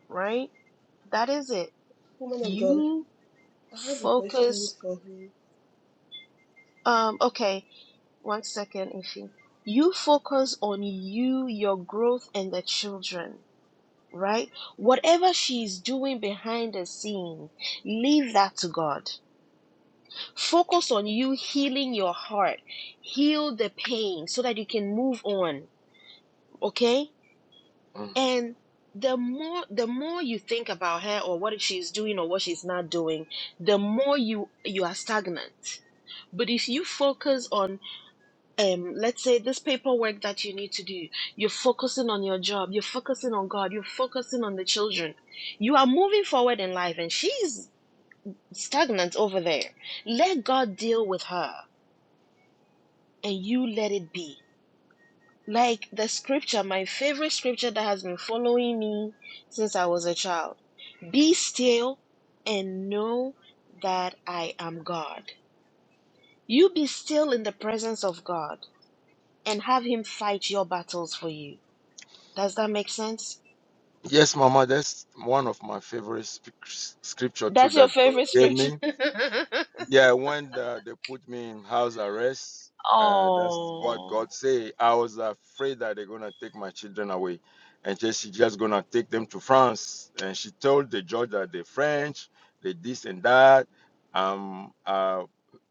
right? That is it.
Woman of God,
You
I have a question
focus,
for him.
um, okay, one second, Ifi. You focus on you, your growth, and the children, right? Whatever she's doing behind the scene, leave that to God Focus on you healing your heart. Heal the pain so that you can move on, okay?
Mm.
And the more the more you think about her or what she's doing or what she's not doing, the more you you are stagnant. But if you focus on um let's say this paperwork that you need to do, you're focusing on your job, you're focusing on God, you're focusing on the children. You are moving forward in life and she's stagnant over there. Let God deal with her and you let it be. Like the scripture, my favorite scripture that has been following me since I was a child Be still and know that I am God. You be still in the presence of God and have Him fight your battles for you. Does that make sense?
Yes, Mama, that's one of my favorite sp- scripture too
That's your
that God
favorite
gave
scripture.
me. Yeah, when the, they put me in house arrest, uh, that's what
oh.
God say. I was afraid that they're gonna take my children away, and just she just gonna take them to France. And she told the judge that they're French, they this and that. Um, uh,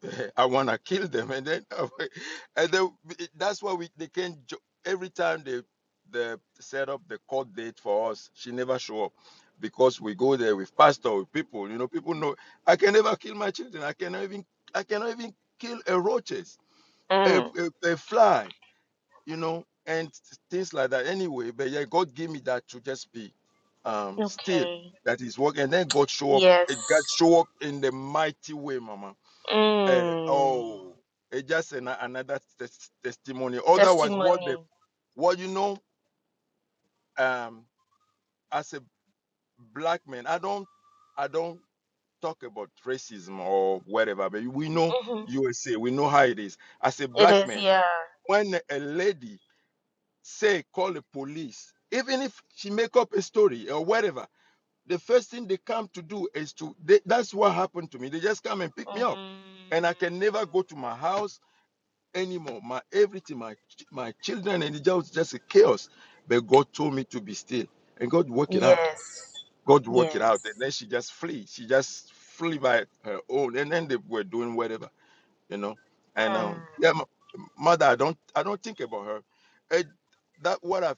I wanna kill them, and then and then that's why we they can not every time they they set up the court date for us. She never show up because we go there with pastor with people. You know, people know. I can never kill my children. I cannot even I cannot even kill a roaches, a,
Mm.
a, a fly, you know, and things like that. Anyway, but yeah, God gave me that to just be um still.
Okay.
That is work, and then God show up.
Yes.
It God show up in the mighty way, Mama. Uh,
Mm.
oh, it's just an, another tes- testimony. Otherwise, what the
Testimony.
what you know, um, as a black man, I don't, I don't. talk about racism or whatever, but we know
Mm-hmm.
USA, we know how it is. As a
It
black
is,
man,
yeah.
when a lady say call the police, even if she make up a story or whatever, the first thing they come to do is to they, that's what happened to me. They just come and pick me up,
Mm,
and I can never go to my house anymore. My everything, my ch- my children, and it just just a chaos. But God told me to be still, and God worked it out.
yes.
God work it
Yes.
out. And then she just flee. She just flee by her own. And then they were doing whatever, you know. And
Mm.
um, yeah, m- mother, I don't, I don't think about her. It, that what I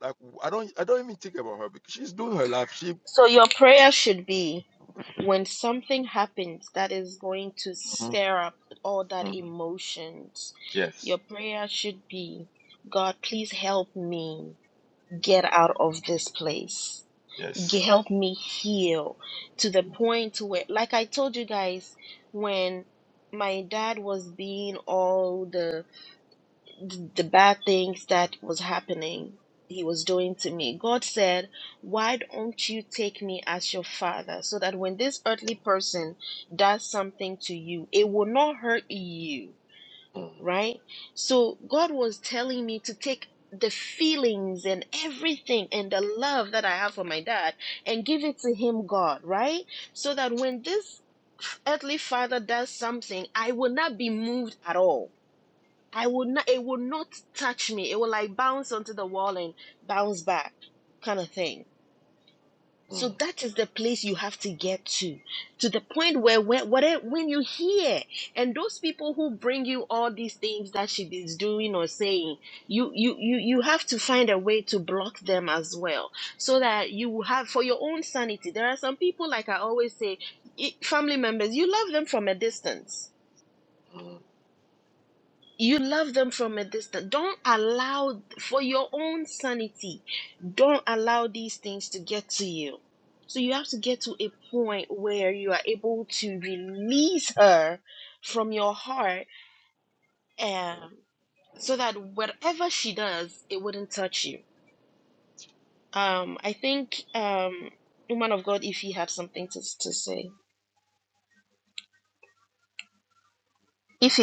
like, I don't, I don't even think about her because she's doing her life. She,
So your prayer should be when something happens that is going to
Mhm,
stir up all that
mhm.
emotions, your
yes,
prayer should be, God, please help me get out of this place. G-
yes.
Help me heal to the point where, like I told you guys, when my dad was being all the th- the bad things that was happening he was doing to me god said why don't you take me as your father so that when this earthly person does something to you it will not hurt you
Mm,
right so god was telling me to take the feelings and everything and the love that i have for my dad and give it to him god right so that when this earthly father does something i will not be moved at all I would not it would not touch me. It will like bounce onto the wall and bounce back kind of thing. So
mm,
that is the place you have to get to, to the point where when whatever when you hear and those people who bring you all these things that she is doing or saying, you you you you have to find a way to block them as well, so that you will have for your own sanity. There are some people like I always say, i- family members, you love them from a distance
mm.
you love them from a distance don't allow for your own sanity don't allow these things to get to you so you have to get to a point where you are able to release her from your heart um, so that whatever she does it wouldn't touch you um, i think um, woman of god if you have something to, to say if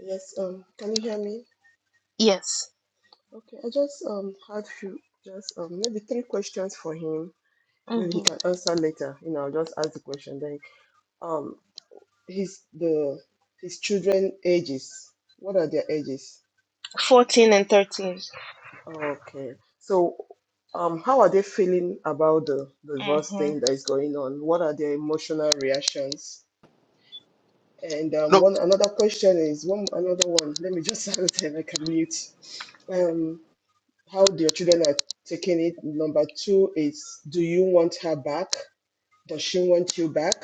Yes, um, can you hear me?
yes
Okay, I just um had few just um maybe three questions for him. Maybe he
hmm
can answer later. You know, I'll just ask the question then. Um, his the his children ages. What are their ages?
14 and 13
Okay. So, um, how are they feeling about the the divorce
Mhm.
thing that is going on? What are their emotional reactions? And um,
No,
one another question is one another one. Let me just answer and I can mute. Um, how your children are taking it? Number two is, do you want her back? Does she want you back?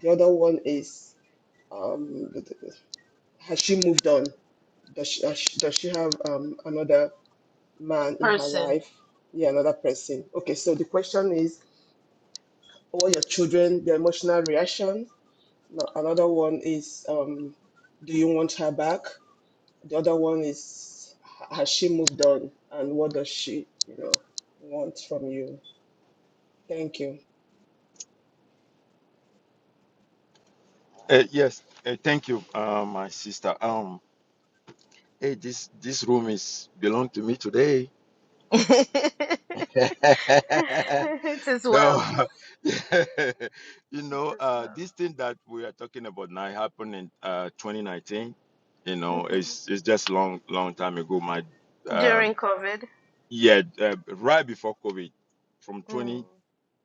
The other one is, um, has she moved on? Does she, has she- does she have um, another man in her
person
life? Yeah, another person. Okay, so the question is, all your children, their emotional reaction. No- Another one is, um, do you want her back? The other one is ha- has she moved on and what does she, you know, want from you? Thank you.
uh, yes. Uh, thank you, uh, my sister. Um, hey, this this room is belong to me today.
it is
No,
well
you
it
know,
is
uh,
well
this thing that we are talking about now happened in uh, 2019. You know,
Mhm.
it's it's just long, long time ago. My, um
During COVID.
yeah, uh, right before COVID, from
Mm,
20,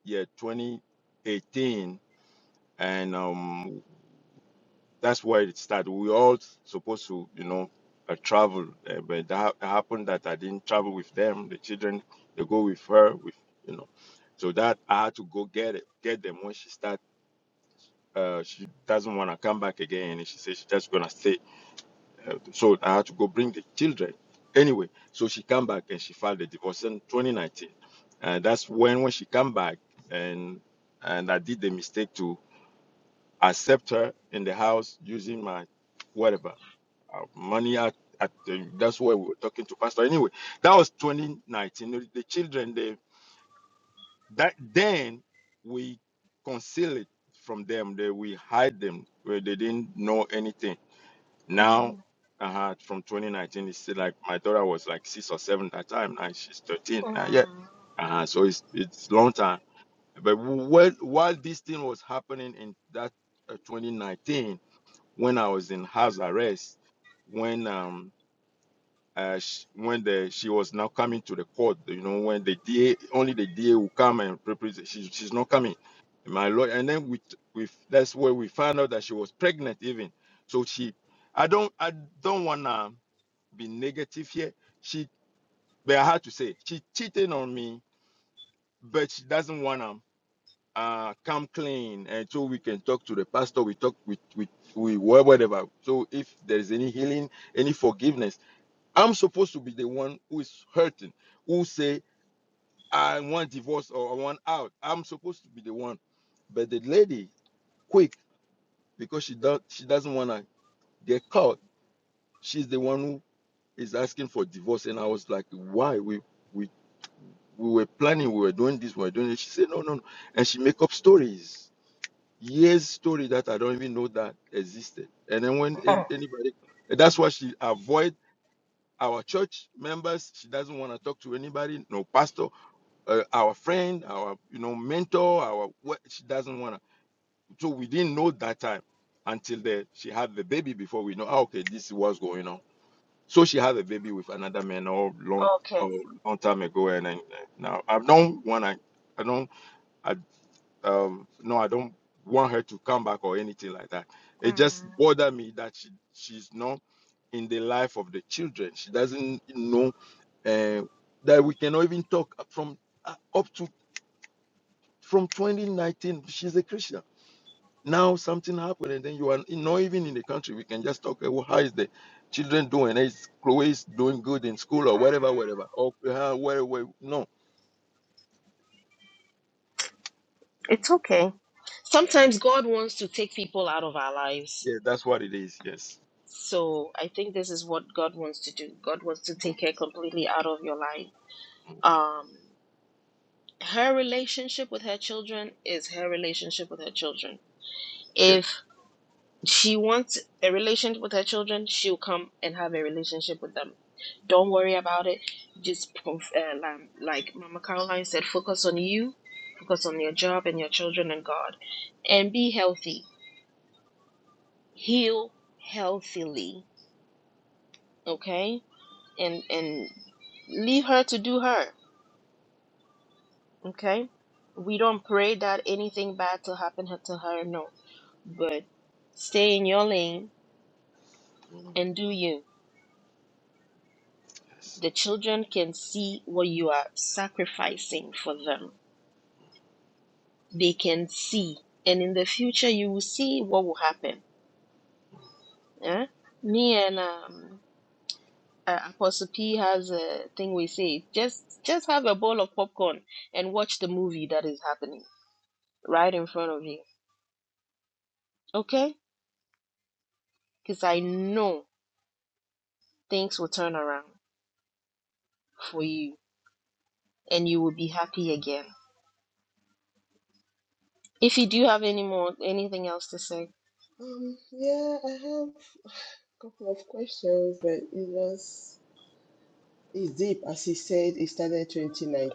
yeah, 2018, and um, that's where it started. We all supposed to, you know, uh, travel, uh, but that hap- happened that I didn't travel with them. The children, they go with her, with you know, so that I had to go get it, get them when she started Uh, she doesn't want to come back again, and she says she's just gonna stay. Uh, so I had to go bring the children. Anyway, so she come back and she filed the divorce in 2019. Uh, that's when when she come back and and I did the mistake to accept her in the house using my whatever uh, money. At, at the, that's why we were talking to pastor. Anyway, that was 2019. The the children they that then we conceal it from them that we hide them where they didn't know anything now
mm,
uh from 2019 it's still like my daughter was like six or seven at that time now she's 13 now yeah
mm,
uh so it's it's long time but while while this thing was happening in that uh, 2019 when i was in house arrest when um uh, sh when the she was now coming to the court, you know, when the DA only the DA will come and represent. She, she's not coming, my lord. And then we we that's where we found out that she was pregnant even. So she, I don't I don't wanna be negative here. She, but I had to say she cheated on me, but she doesn't wanna uh come clean and so we can talk to the pastor. We talk with with we whatever. So if there is any healing, any forgiveness I'm supposed to be the one who is hurting, who say I want divorce or I want out. I'm supposed to be the one, but the lady, quick, because she does she doesn't want to get caught. She's the one who is asking for divorce, and I was like, why? We we we were planning, we were doing this, we were doing it. She said, no, no, no, and she make up stories, years story that I don't even know that existed. And then when a- anybody, that's why she avoid our church members. She doesn't want to talk to anybody, no pastor uh, our friend, our you know mentor, our what she doesn't wanna. So we didn't know that time until the she had the baby before we know. "Ah, okay, this is what's going on. So she had a baby with another man all long, a long time ago, and then, uh, now I don't wanna. I don't. I um no, I don't want her to come back or anything like that. It just
mm,
bothered me that she she's not in the life of the children. She doesn't know uh, that we cannot even talk from uh, up to From 2019, she's a Christian. Now something happened, and then you are not even in the country. We can just talk. uh, Well, how is the children doing? Is Chloe is doing good in school or
mm.
whatever, whatever. Or uh, where, where? No,
It's okay. Sometimes God wants to take people out of our lives.
yeah, that's what it is. Yes.
So I think this is what God wants to do. God wants to
Mhm,
take her completely out of your life.
mhm,
Um, her relationship with her children is her relationship with her children.
Yeah.
If she wants a relationship with her children, she'll come and have a relationship with them. Don't worry about it. Just uh, like like Mama Caroline said, focus on you, focus on your job and your children and God, and be healthy. Heal healthily, okay? And and leave her to do her, okay? We don't pray that anything bad to happen to her, no. But stay in your lane
mhm,
and do you
Yes.
The children can see what you are sacrificing for them. They can see. And in the future, you will see what will happen. Eh? Me and um, uh, Apostle P has a thing we say just, just have a bowl of popcorn and watch the movie that is happening right in front of you. Okay? Because I know things will turn around for you and you will be happy again. If you do have any more, anything else to say,
Um, yeah, I have a couple of questions, but it was it's deep. As he said, it started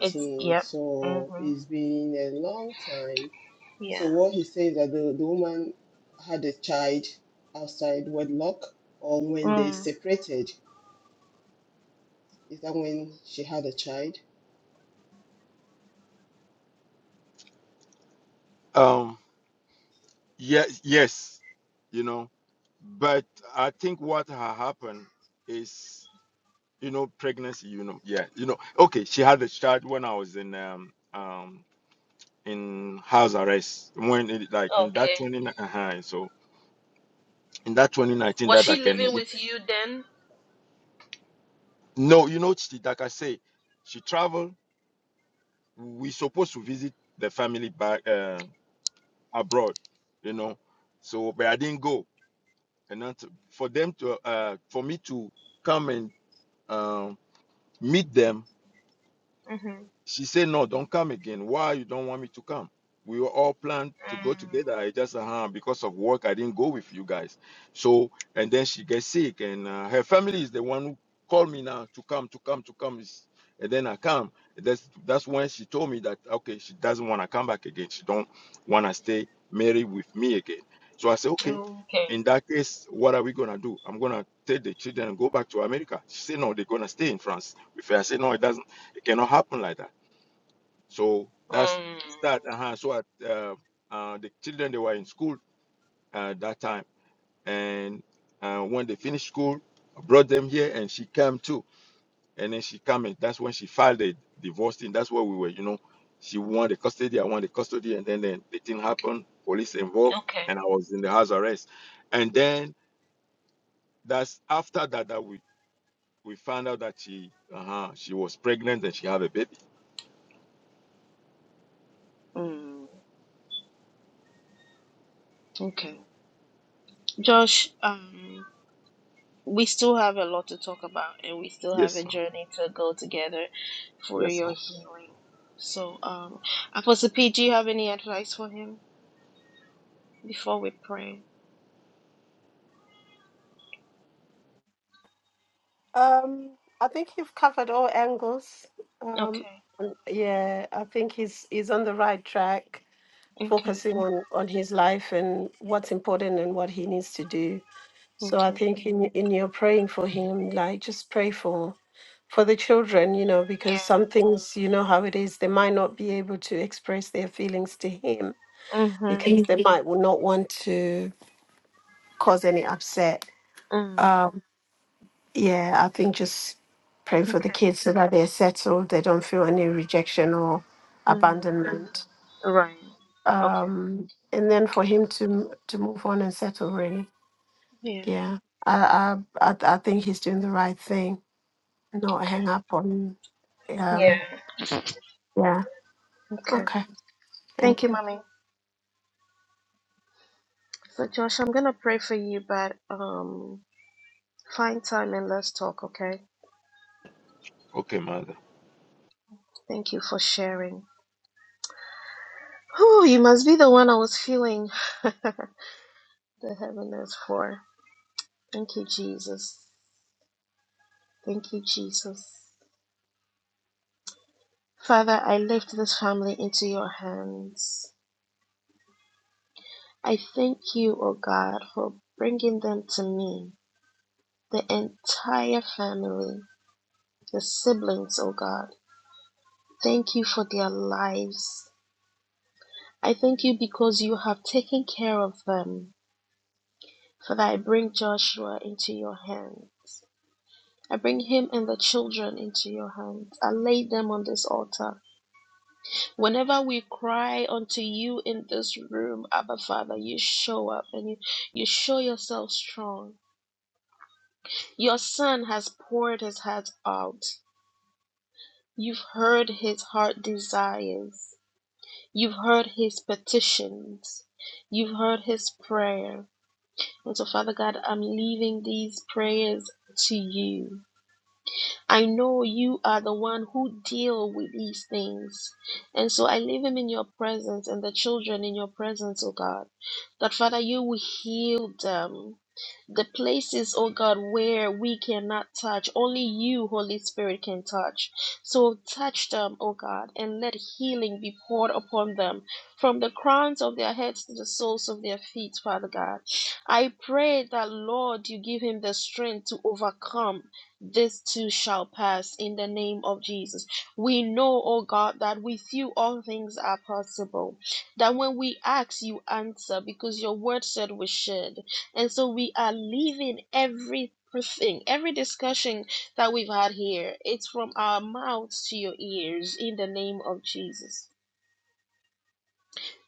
it's, yep. hmm
so it's been a long time.
Yeah.
So what he says that the, the woman had a child outside wedlock, or when they
Mm.
separated, is that when she had a child?
Um. Yes. Yes. You know, but I think what ha- happened is, you know, pregnancy. You know, yeah, you know. Okay, she had a child when I was in um um in house arrest when it, like in that
Okay.
20 uh so in that 2019
Was
that I
she
can
living
we,
with you then?
no you know she, like I say she traveled we supposed to visit the family back uh, abroad you know so but I didn't go and not for them to uh for me to come and um meet them
Mm.
She said, No, don't come again. Why you don't want me to come? We were all planned to go
Mm,
together. I just, uh, because of work, I didn't go with you guys. So, and then she gets sick, and uh, her family is the one who called me now to come, to come, to come. It's- And then I come. That's that's when she told me that okay, she doesn't want to come back again. She don't want to stay married with me again. So I said, okay.
okay.
In that case, what are we gonna do? I'm gonna take the children and go back to America. She said, no, they're gonna stay in France with her. I said, no, it doesn't. It cannot happen like that. So that's
Um.
that. Uh-huh. So at, uh, uh, the children they were in school uh, that time, and uh, when they finished school, I brought them here, and she came too. And then she came, and that's when she filed the divorce thing. That's where we were, you know. She wanted the custody, I wanted the custody, and then, then the thing happened. Police involved,
Okay.
and I was in the house arrest. And then that's after that that we we found out that she uh-huh, she was pregnant and she had a baby.
Mm, okay. Josh, um, we still have a lot to talk about and we still have a
Yes, ma'am.
journey to go together for
Yes,
your
ma'am.
healing. So, um, Apostle P, do you have any advice for him before we pray?
Um, I think you've covered all angles. Um,
Okay.
yeah, I think he's he's on the right track,
Okay.
focusing on on his life and what's important and what he needs to do. So I
Okay.
think in in your praying for him, like just pray for for the children, you know, because
Yeah.
some things, you know how it is, they might not be able to express their feelings to him
Mm-hmm.
because they Mhm. might will not want to cause any upset.
Mm.
Um, yeah, I think just praying for the
Okay.
kids so that they're settled, they don't feel any rejection or
Mm.
abandonment.
Right. Okay.
Um, and then for him to to move on and settle, really.
Yeah.
Yeah, I I I I think he's doing the right thing. Not
Okay.
hang up on. Um,
Yeah.
yeah.
Okay.
Okay.
Thank
Thank
you,
you.
Mommy. So Josh, I'm gonna pray for you, but um, find time and let's talk, okay?
Okay, mother.
Thank you for sharing. Whew, you must be the one I was feeling the heaviness for. Thank you, Jesus. Thank you, Jesus. Father, I lift this family into your hands. I thank you, oh God, for bringing them to me, the entire family, the siblings, oh God. Thank you for their lives. I thank you because you have taken care of them. Father, I bring Joshua into your hands. I bring him and the children into your hands. I lay them on this altar. Whenever we cry unto you in this room, Abba Father, you show up and you, you show yourself strong. Your son has poured his heart out. You've heard his heart desires. You've heard his petitions. You've heard his prayer. And so, Father God, I'm leaving these prayers to you. I know you are the one who deal with these things. And so I leave him in your presence and the children in your presence, oh God. That Father, you will heal them. The places, oh God, where we cannot touch, only you, Holy Spirit, can touch. So touch them, oh God, and let healing be poured upon them from the crowns of their heads to the soles of their feet, Father God. I pray that, Lord, you give him the strength to overcome this too shall pass in the name of Jesus. We know, oh God, that with you all things are possible. That when we ask, you answer because your word said we should. And so we are leaving everything. Everything, every discussion that we've had here, it's from our mouths to your ears in the name of Jesus.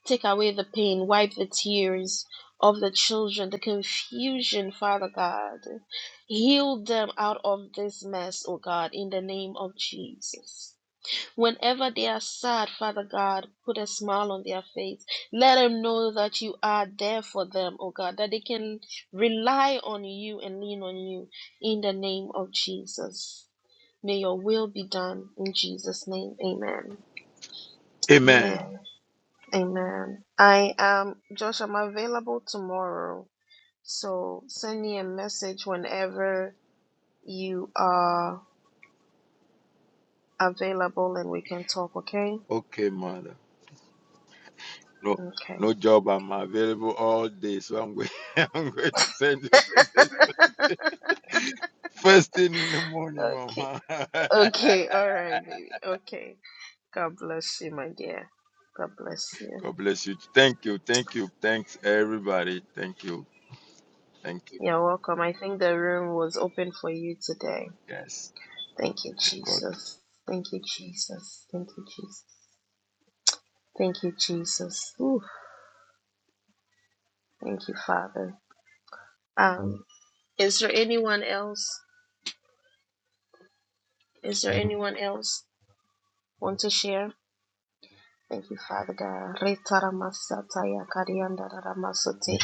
Take away the pain, wipe the tears of the children, the confusion, Father God. Heal them out of this mess, O God, in the name of Jesus. Whenever they are sad, Father God, put a smile on their face. Let them know that you are there for them, O God, that they can rely on you and lean on you in the name of Jesus. May your will be done in Jesus' name. Amen.
Amen.
Amen. Amen. I um Josh, I'm available tomorrow. So send me a message whenever you are available and we can talk, okay?
Okay, mother. No,
Okay.
no job. I'm available all day, so I'm going. I'm going to send you a message first thing in the morning,
Okay.
mama.
Okay. All right, baby. Okay. God bless you, my dear. God bless you.
God bless you. Thank you. Thank you. Thanks, everybody. Thank you. Thank you.
You're welcome. I think the room was open for you today.
Yes.
Thank you,
Thank God.
Jesus. Thank you, Jesus. Thank you, Jesus. Thank you, Jesus. Ooh, thank you, Father. Um, Is there anyone else? Is there anyone else want to share? Thank you, Father God. Retaramasataya kariandararamasute.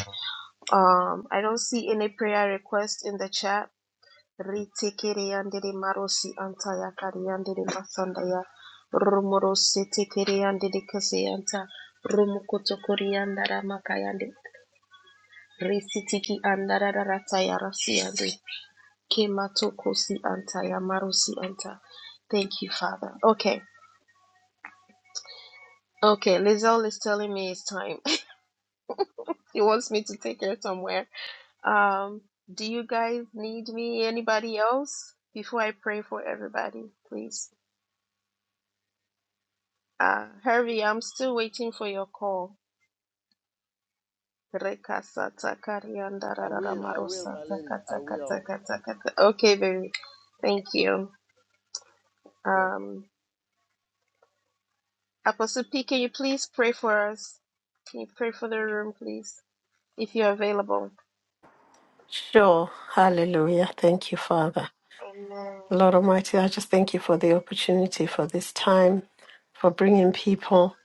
Um, I don't see any prayer request in the chat. Ritikiriandiri marosi antaya kariandiri masandaya. Rumorosi tikiriandiri kaseyanta. Rumukoto koriandara makayandi. Risitiki andarararataya rasiande. Kematokosi anta Yamaro, Si anta. Thank you, Father. Okay. Okay. Lizelle is telling me it's time. he wants me to take her somewhere. Um, do you guys need me? Anybody else? Before I pray for everybody, please. Uh, Harvey, I'm still waiting for your call. Rekasata karianda
I
rarara
will. I will, my
marosata
lady. I
kata
will.
kata kata kata. Okay, baby. Thank you.
You're welcome.
Um. Apostle P, can you please pray for us? Can you pray for the room, please, if you're available?
Sure. Hallelujah. Thank you, Father.
Amen.
Lord Almighty, I just thank you for the opportunity for this time, for bringing people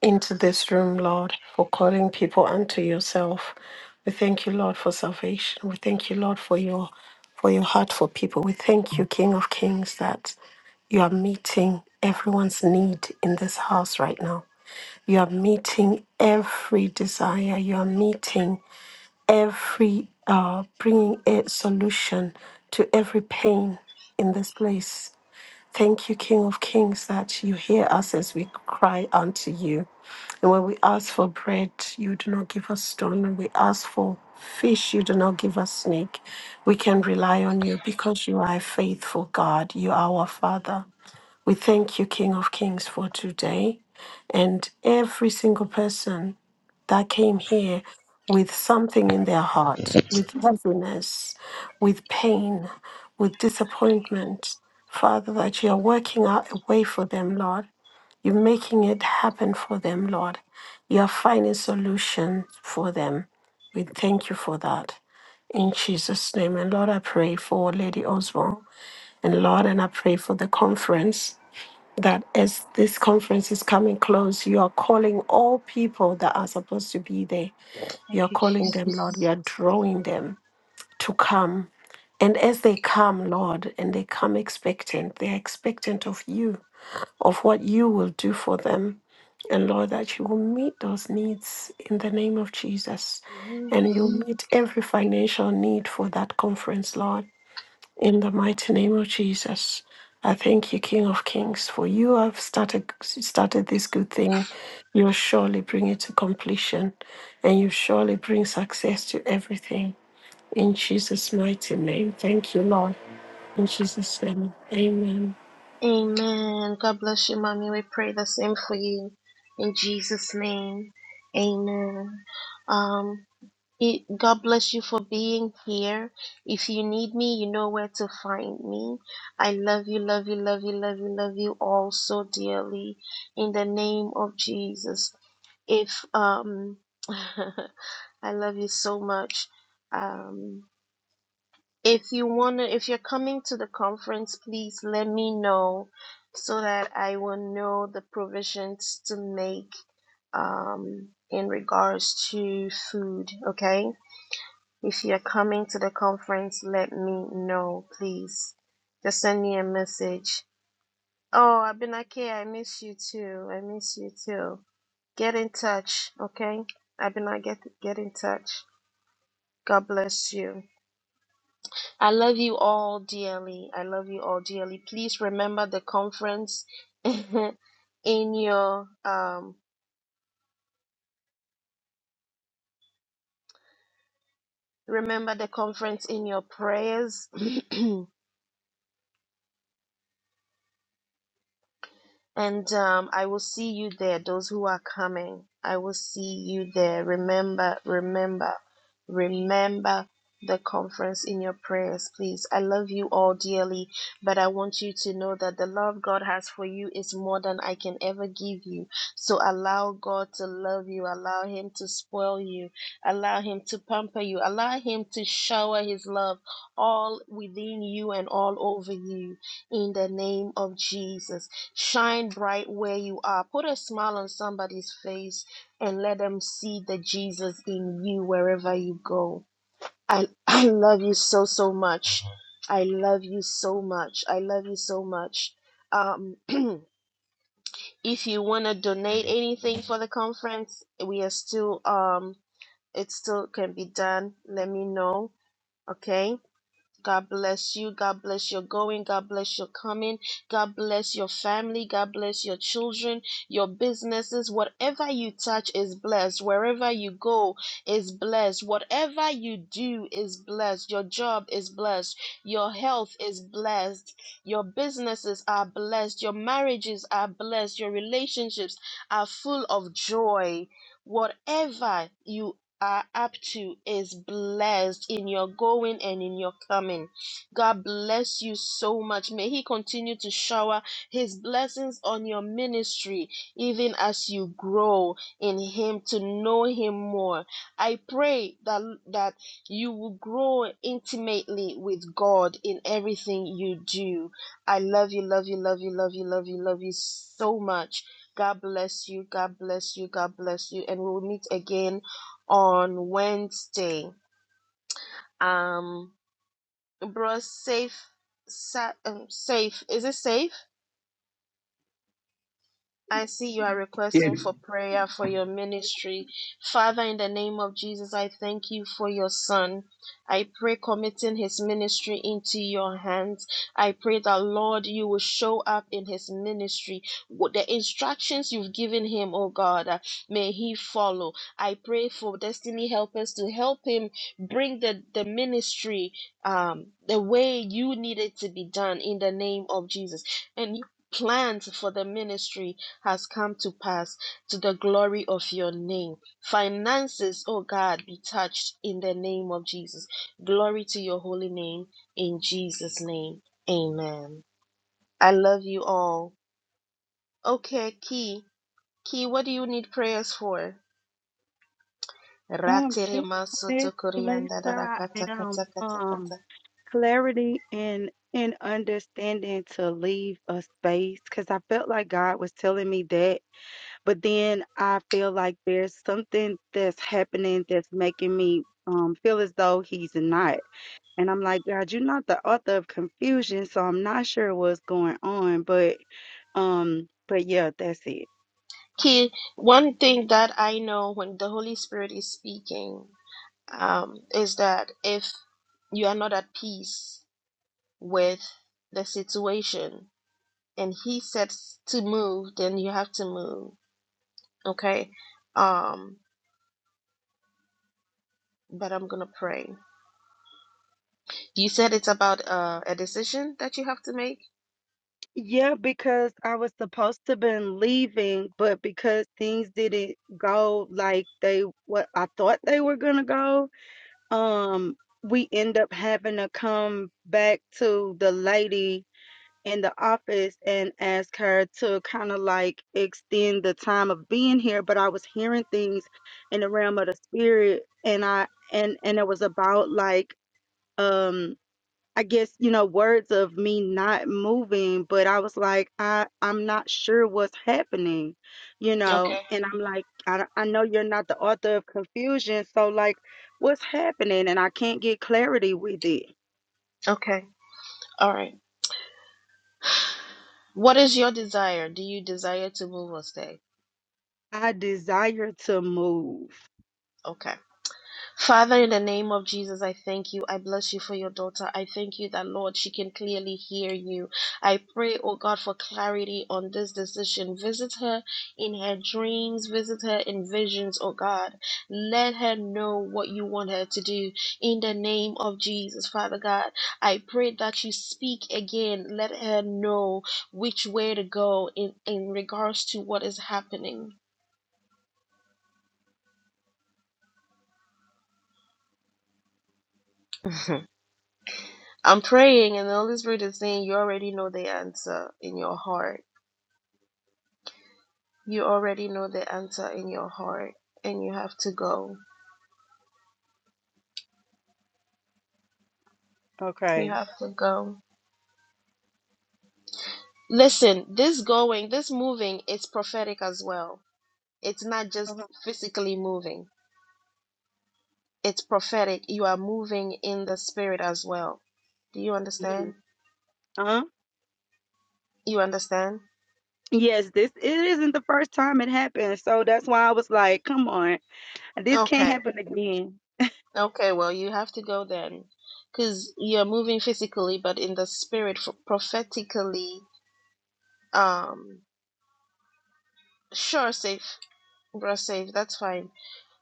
into this room, Lord, for calling people unto yourself. We thank you, Lord, for salvation. We thank you, Lord, for your for your heart for people. We thank you, King of Kings, that you are meeting everyone's need in this house right now. You are meeting every desire. You are meeting every uh, bringing a solution to every pain in this place. Thank you, King of Kings, that you hear us as we cry unto you. And when we ask for bread, you do not give us stone. When we ask for fish, you do not give us snake. We can rely on you because you are a faithful God. You are our Father. We thank you, King of Kings, for today and every single person that came here with something in their heart, with heaviness, with pain, with disappointment. Father, that you are working out a way for them, Lord. You're making it happen for them, Lord. You are finding solutions for them. We thank you for that. In Jesus' name. And Lord, I pray for Lady Oswald. And Lord, and I pray for the conference that as this conference is coming close, you are calling all people that are supposed to be there.
Thank
You're
you,
calling them, Lord.
Jesus.
You're drawing them to come. And as they come, Lord, and they come expectant, they're expectant of you, of what you will do for them. And Lord, that you will meet those needs in the name of Jesus.
Amen.
And you'll meet every financial need for that conference, Lord. In the mighty name of Jesus, I thank you, King of Kings, for you have started started this good thing. You'll surely bring it to completion, and you surely bring success to everything. In Jesus' mighty name, thank you, Lord. In Jesus' name, Amen.
Amen. God bless you, mommy. We pray the same for you in Jesus' name. Amen. Um. It, God bless you for being here. If you need me, you know where to find me. I love you, love you, love you, love you, love you all so dearly. In the name of Jesus. If um, I love you so much. Um, if you wanna, if you're coming to the conference, please let me know so that I will know the provisions to make um in regards to food. Okay if you're coming to the conference, let me know, please. Just send me a message. Oh, Abinake, I miss you too. I miss you too. Get in touch, okay? Abinake, get, get in touch. God bless you. I love you all dearly. I love you all dearly. Please remember the conference in your um remember the conference in your prayers. And um, I will see you there, those who are coming. I will see you there. Remember, remember, remember the conference in your prayers, please. I love you all dearly, but I want you to know that the love God has for you is more than I can ever give you. So allow God to love you, allow Him to spoil you, allow Him to pamper you, allow Him to shower His love all within you and all over you in the name of Jesus. Shine bright where you are. Put a smile on somebody's face and let them see the Jesus in you wherever you go. I, I love you so, so much. I love you so much. I love you so much. Um, if you want to donate anything for the conference, we are still, um, it still can be done. Let me know. Okay. God bless you. God bless your going. God bless your coming. God bless your family. God bless your children, your businesses. Whatever you touch is blessed. Wherever you go is blessed. Whatever you do is blessed. Your job is blessed. Your health is blessed. Your businesses are blessed. Your marriages are blessed. Your relationships are full of joy. Whatever you are up to is blessed in your going and in your coming. God bless you so much. May He continue to shower His blessings on your ministry, even as you grow in Him to know Him more. I pray that, that you will grow intimately with God in everything you do. I love you, love you, love you, love you, love you, love you so much. God bless you. God bless you. God bless you. And we'll meet again on Wednesday. Um, bro, safe, sa- um, safe. Is it safe? I see you are
Yeah,
requesting for prayer for your ministry. Father, in the name of Jesus, I thank you for your son. I pray committing his ministry into your hands. I pray that, Lord, you will show up in his ministry. the instructions you've given him, oh God, uh, may he follow. I pray for destiny helpers to help him bring the, the ministry um, the way you need it to be done in the name of Jesus. And you plans for the ministry has come to pass to the glory of your name. Finances, oh God, be touched in the name of Jesus. Glory to your holy name in Jesus' name. Amen. I love you all. Okay, Key. Key, what do you need prayers for?
just this place where I am, um, clarity and and understanding to leave a space because I felt like God was telling me that, but then I feel like there's something that's happening that's making me um feel as though He's not. And I'm like, God, you're not the author of confusion, so I'm not sure what's going on. But um, but yeah, that's it.
Key, one thing that I know when the Holy Spirit is speaking um, is that if you are not at peace, with the situation and he says to move then you have to move okay um but i'm gonna pray you said it's about uh, a decision that you have to make
Yeah, because I was supposed to been leaving, but because things didn't go like they what I thought they were gonna go, um, we end up having to come back to the lady in the office and ask her to kind of like extend the time of being here but i was hearing things in the realm of the spirit and i and and it was about like um i guess you know words of me not moving but i was like i i'm not sure what's happening you know
okay
and i'm like i, don't- I know you're not the author of confusion so like what's happening and i can't get clarity with it
okay all right what is your desire do you desire to move or stay
i desire to move
okay Father, in the name of Jesus, I thank you. I bless you for your daughter. I thank you that, Lord, she can clearly hear you. I pray, oh God, for clarity on this decision. Visit her in her dreams, visit her in visions, oh God. Let her know what you want her to do. In the name of Jesus, Father God, I pray that you speak again. Let her know which way to go in, in regards to what is happening. I'm praying, and the Holy Spirit is saying, You already know the answer in your heart. You already know the answer in your heart, and you have to go. You
okay
have to go. Listen, this going, this moving is prophetic as well. It's not just physically moving, it's prophetic. You are moving in the spirit as well. Do you
Mhm.
understand?
Uh-huh.
You understand?
Yes, this it isn't the first time it happened, so that's why I was like, "Come on, this can't
Okay.
happen again."
Okay, well, you have to go then. Because you're moving physically, but in the spirit, f- prophetically. Um, Sure, safe, bro, safe. That's fine.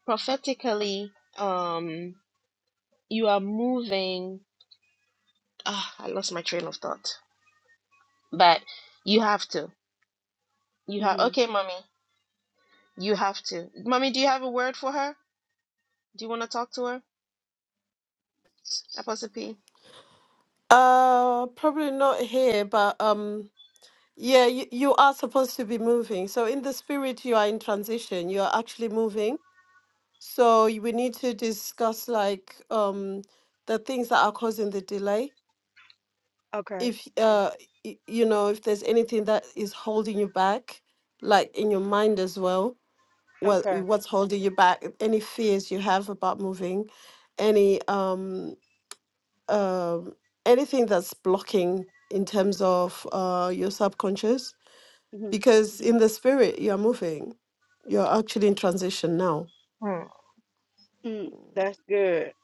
Prophetically, um, you are moving. Ah, I lost my train of thought. But you have to. You have.
hmm
Okay, mommy. You have to. Mommy, do you have a word for her? Do you want to talk to her? Apostle P.
Uh, probably not here, but um, yeah, you, you are supposed to be moving. So in the spirit, you are in transition. You are actually moving So y- we need to discuss like um the things that are causing the delay.
Okay,
If uh y- you know if there's anything that is holding you back, like in your mind as well, Well,
okay,
what's holding you back? Any fears you have about moving, any um um anything that's blocking in terms of uh your subconscious,
hmm
because in the spirit you're moving, you're actually in transition now.
Mm,
mm that's good.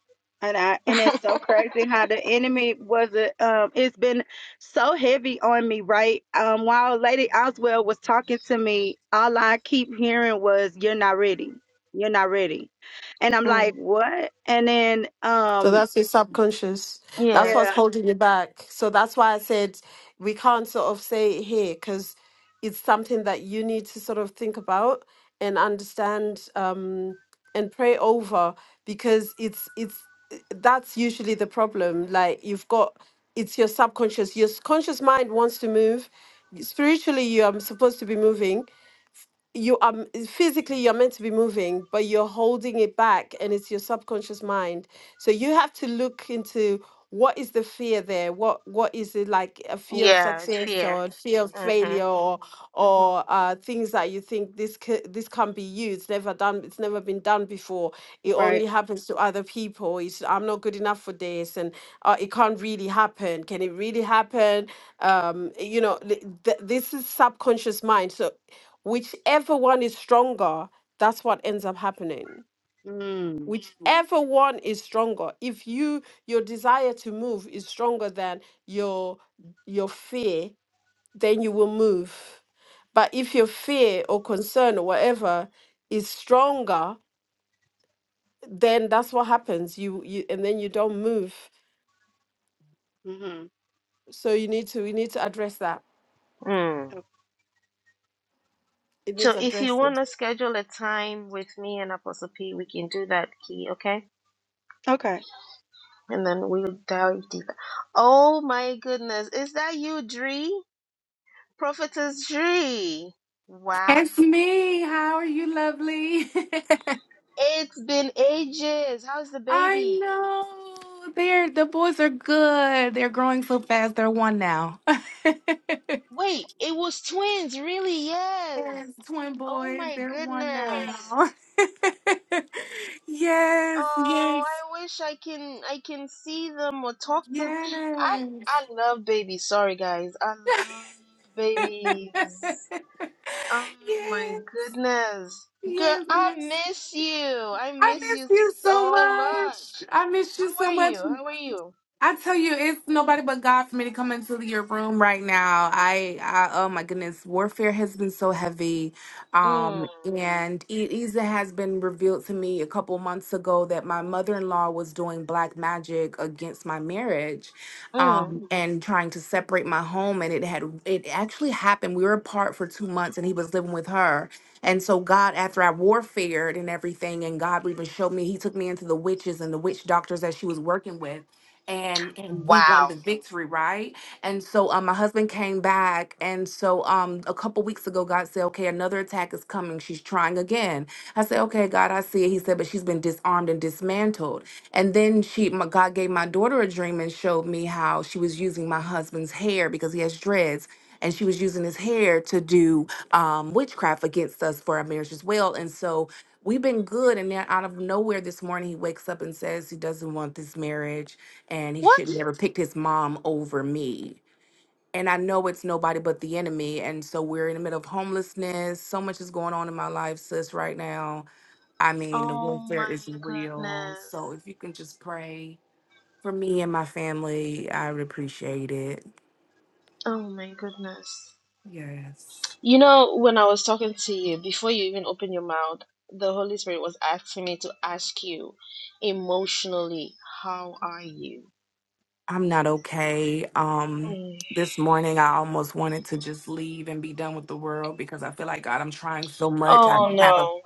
And I and it's so crazy how the enemy was a um. It's been so heavy on me, right? Um, while Lady Oswell was talking to me, all I keep hearing was, "You're not ready. You're not ready," and I'm
mm,
like, "What?" And then
So
um,
that's your subconscious. That's
yeah.
what's
yeah,
holding you back. So that's why I said we can't sort of say it here because it's something that you need to sort of think about and understand um, and pray over because it's it's that's usually the problem. Like you've got it's your subconscious. Your s- conscious mind wants to move. Spiritually, you are supposed to be moving, you are m- physically you're meant to be moving but you're holding it back and it's your subconscious mind so you have to look into what is the fear there what what is it like a fear of
Yeah. It's
success
fear.
or a fear of
Mhm.
failure or
Mhm.
or uh, things that you think this c- this can't be you it's never done it's never been done before it
right.
only happens to other people it's i'm not good enough for this and uh, it can't really happen can it really happen um you know th- th- this is subconscious mind so whichever one is stronger that's what ends up happening
Mm.
whichever one is stronger if you your desire to move is stronger than your your fear then you will move but if your fear or concern or whatever is stronger then that's what happens you you and then you don't move
hmm
so you need to we need to address that
Mm.
it needs
So if you
addressing
want to schedule a time with me and Apostle P, we can do that, Key. Okay.
Okay.
and then we'll dive deeper. Oh my goodness, is that you, Dree? Prophetess Dree. Wow.
It's me. How are you, lovely?
It's been ages. How's the
I
baby?
know. They're the boys are good. They're growing so fast. They're one now. yes,
Wait, it was twins, really? Yes.
twin
Oh
boys.
my
They're one now.
goodness.
yes,
Oh,
yes,
I wish I can I can see them or talk to I
yes.
I love babies. Sorry guys. I love babies. Oh my
yes,
goodness. Girl,
yes,
I
yes.
miss you. I
I
miss
miss
you
you so
so
much.
much.
I miss
How
you so
are you?
much.
How are you?
I tell you, it's nobody but God for me to come into your room right now. I, I oh my goodness, warfare has been so heavy, um,
Mm.
and it even has been revealed to me a couple months ago that my mother-in-law was doing black magic against my marriage, um, and trying to separate my home. And it had it actually happened. We were apart for two months, and he was living with her. And so God, after I warfared and everything, and God even showed me, He took me into the witches and the witch doctors that she was working with and and we won the
Wow.
victory, right? And so um my husband came back and so um a couple weeks ago God said, "Okay, another attack is coming. She's trying again." I said, okay, God, I see it. He said, but she's been disarmed and dismantled. And then she, my, God gave my daughter a dream and showed me how she was using my husband's hair because he has dreads. And she was using his hair to do um, witchcraft against us for our marriage as well. And so we've been good. And then out of nowhere this morning, he wakes up and says he doesn't want this marriage and he
What?
should never picked his mom over me and I know it's nobody but the enemy. And so we're in the middle of homelessness. So much is going on in my life, sis, right now. I mean, the
Oh my
warfare is real.
goodness.
So if you can just pray for me and my family, I would appreciate it.
Oh my goodness.
Yes.
You know, when I was talking to you, before you even opened your mouth, the Holy Spirit was asking me to ask you emotionally, how are you?
I'm not okay. Um
Mm.
this morning I almost wanted to just leave and be done with the world because I feel like God, I'm trying so much. I
Oh
don't have a
no.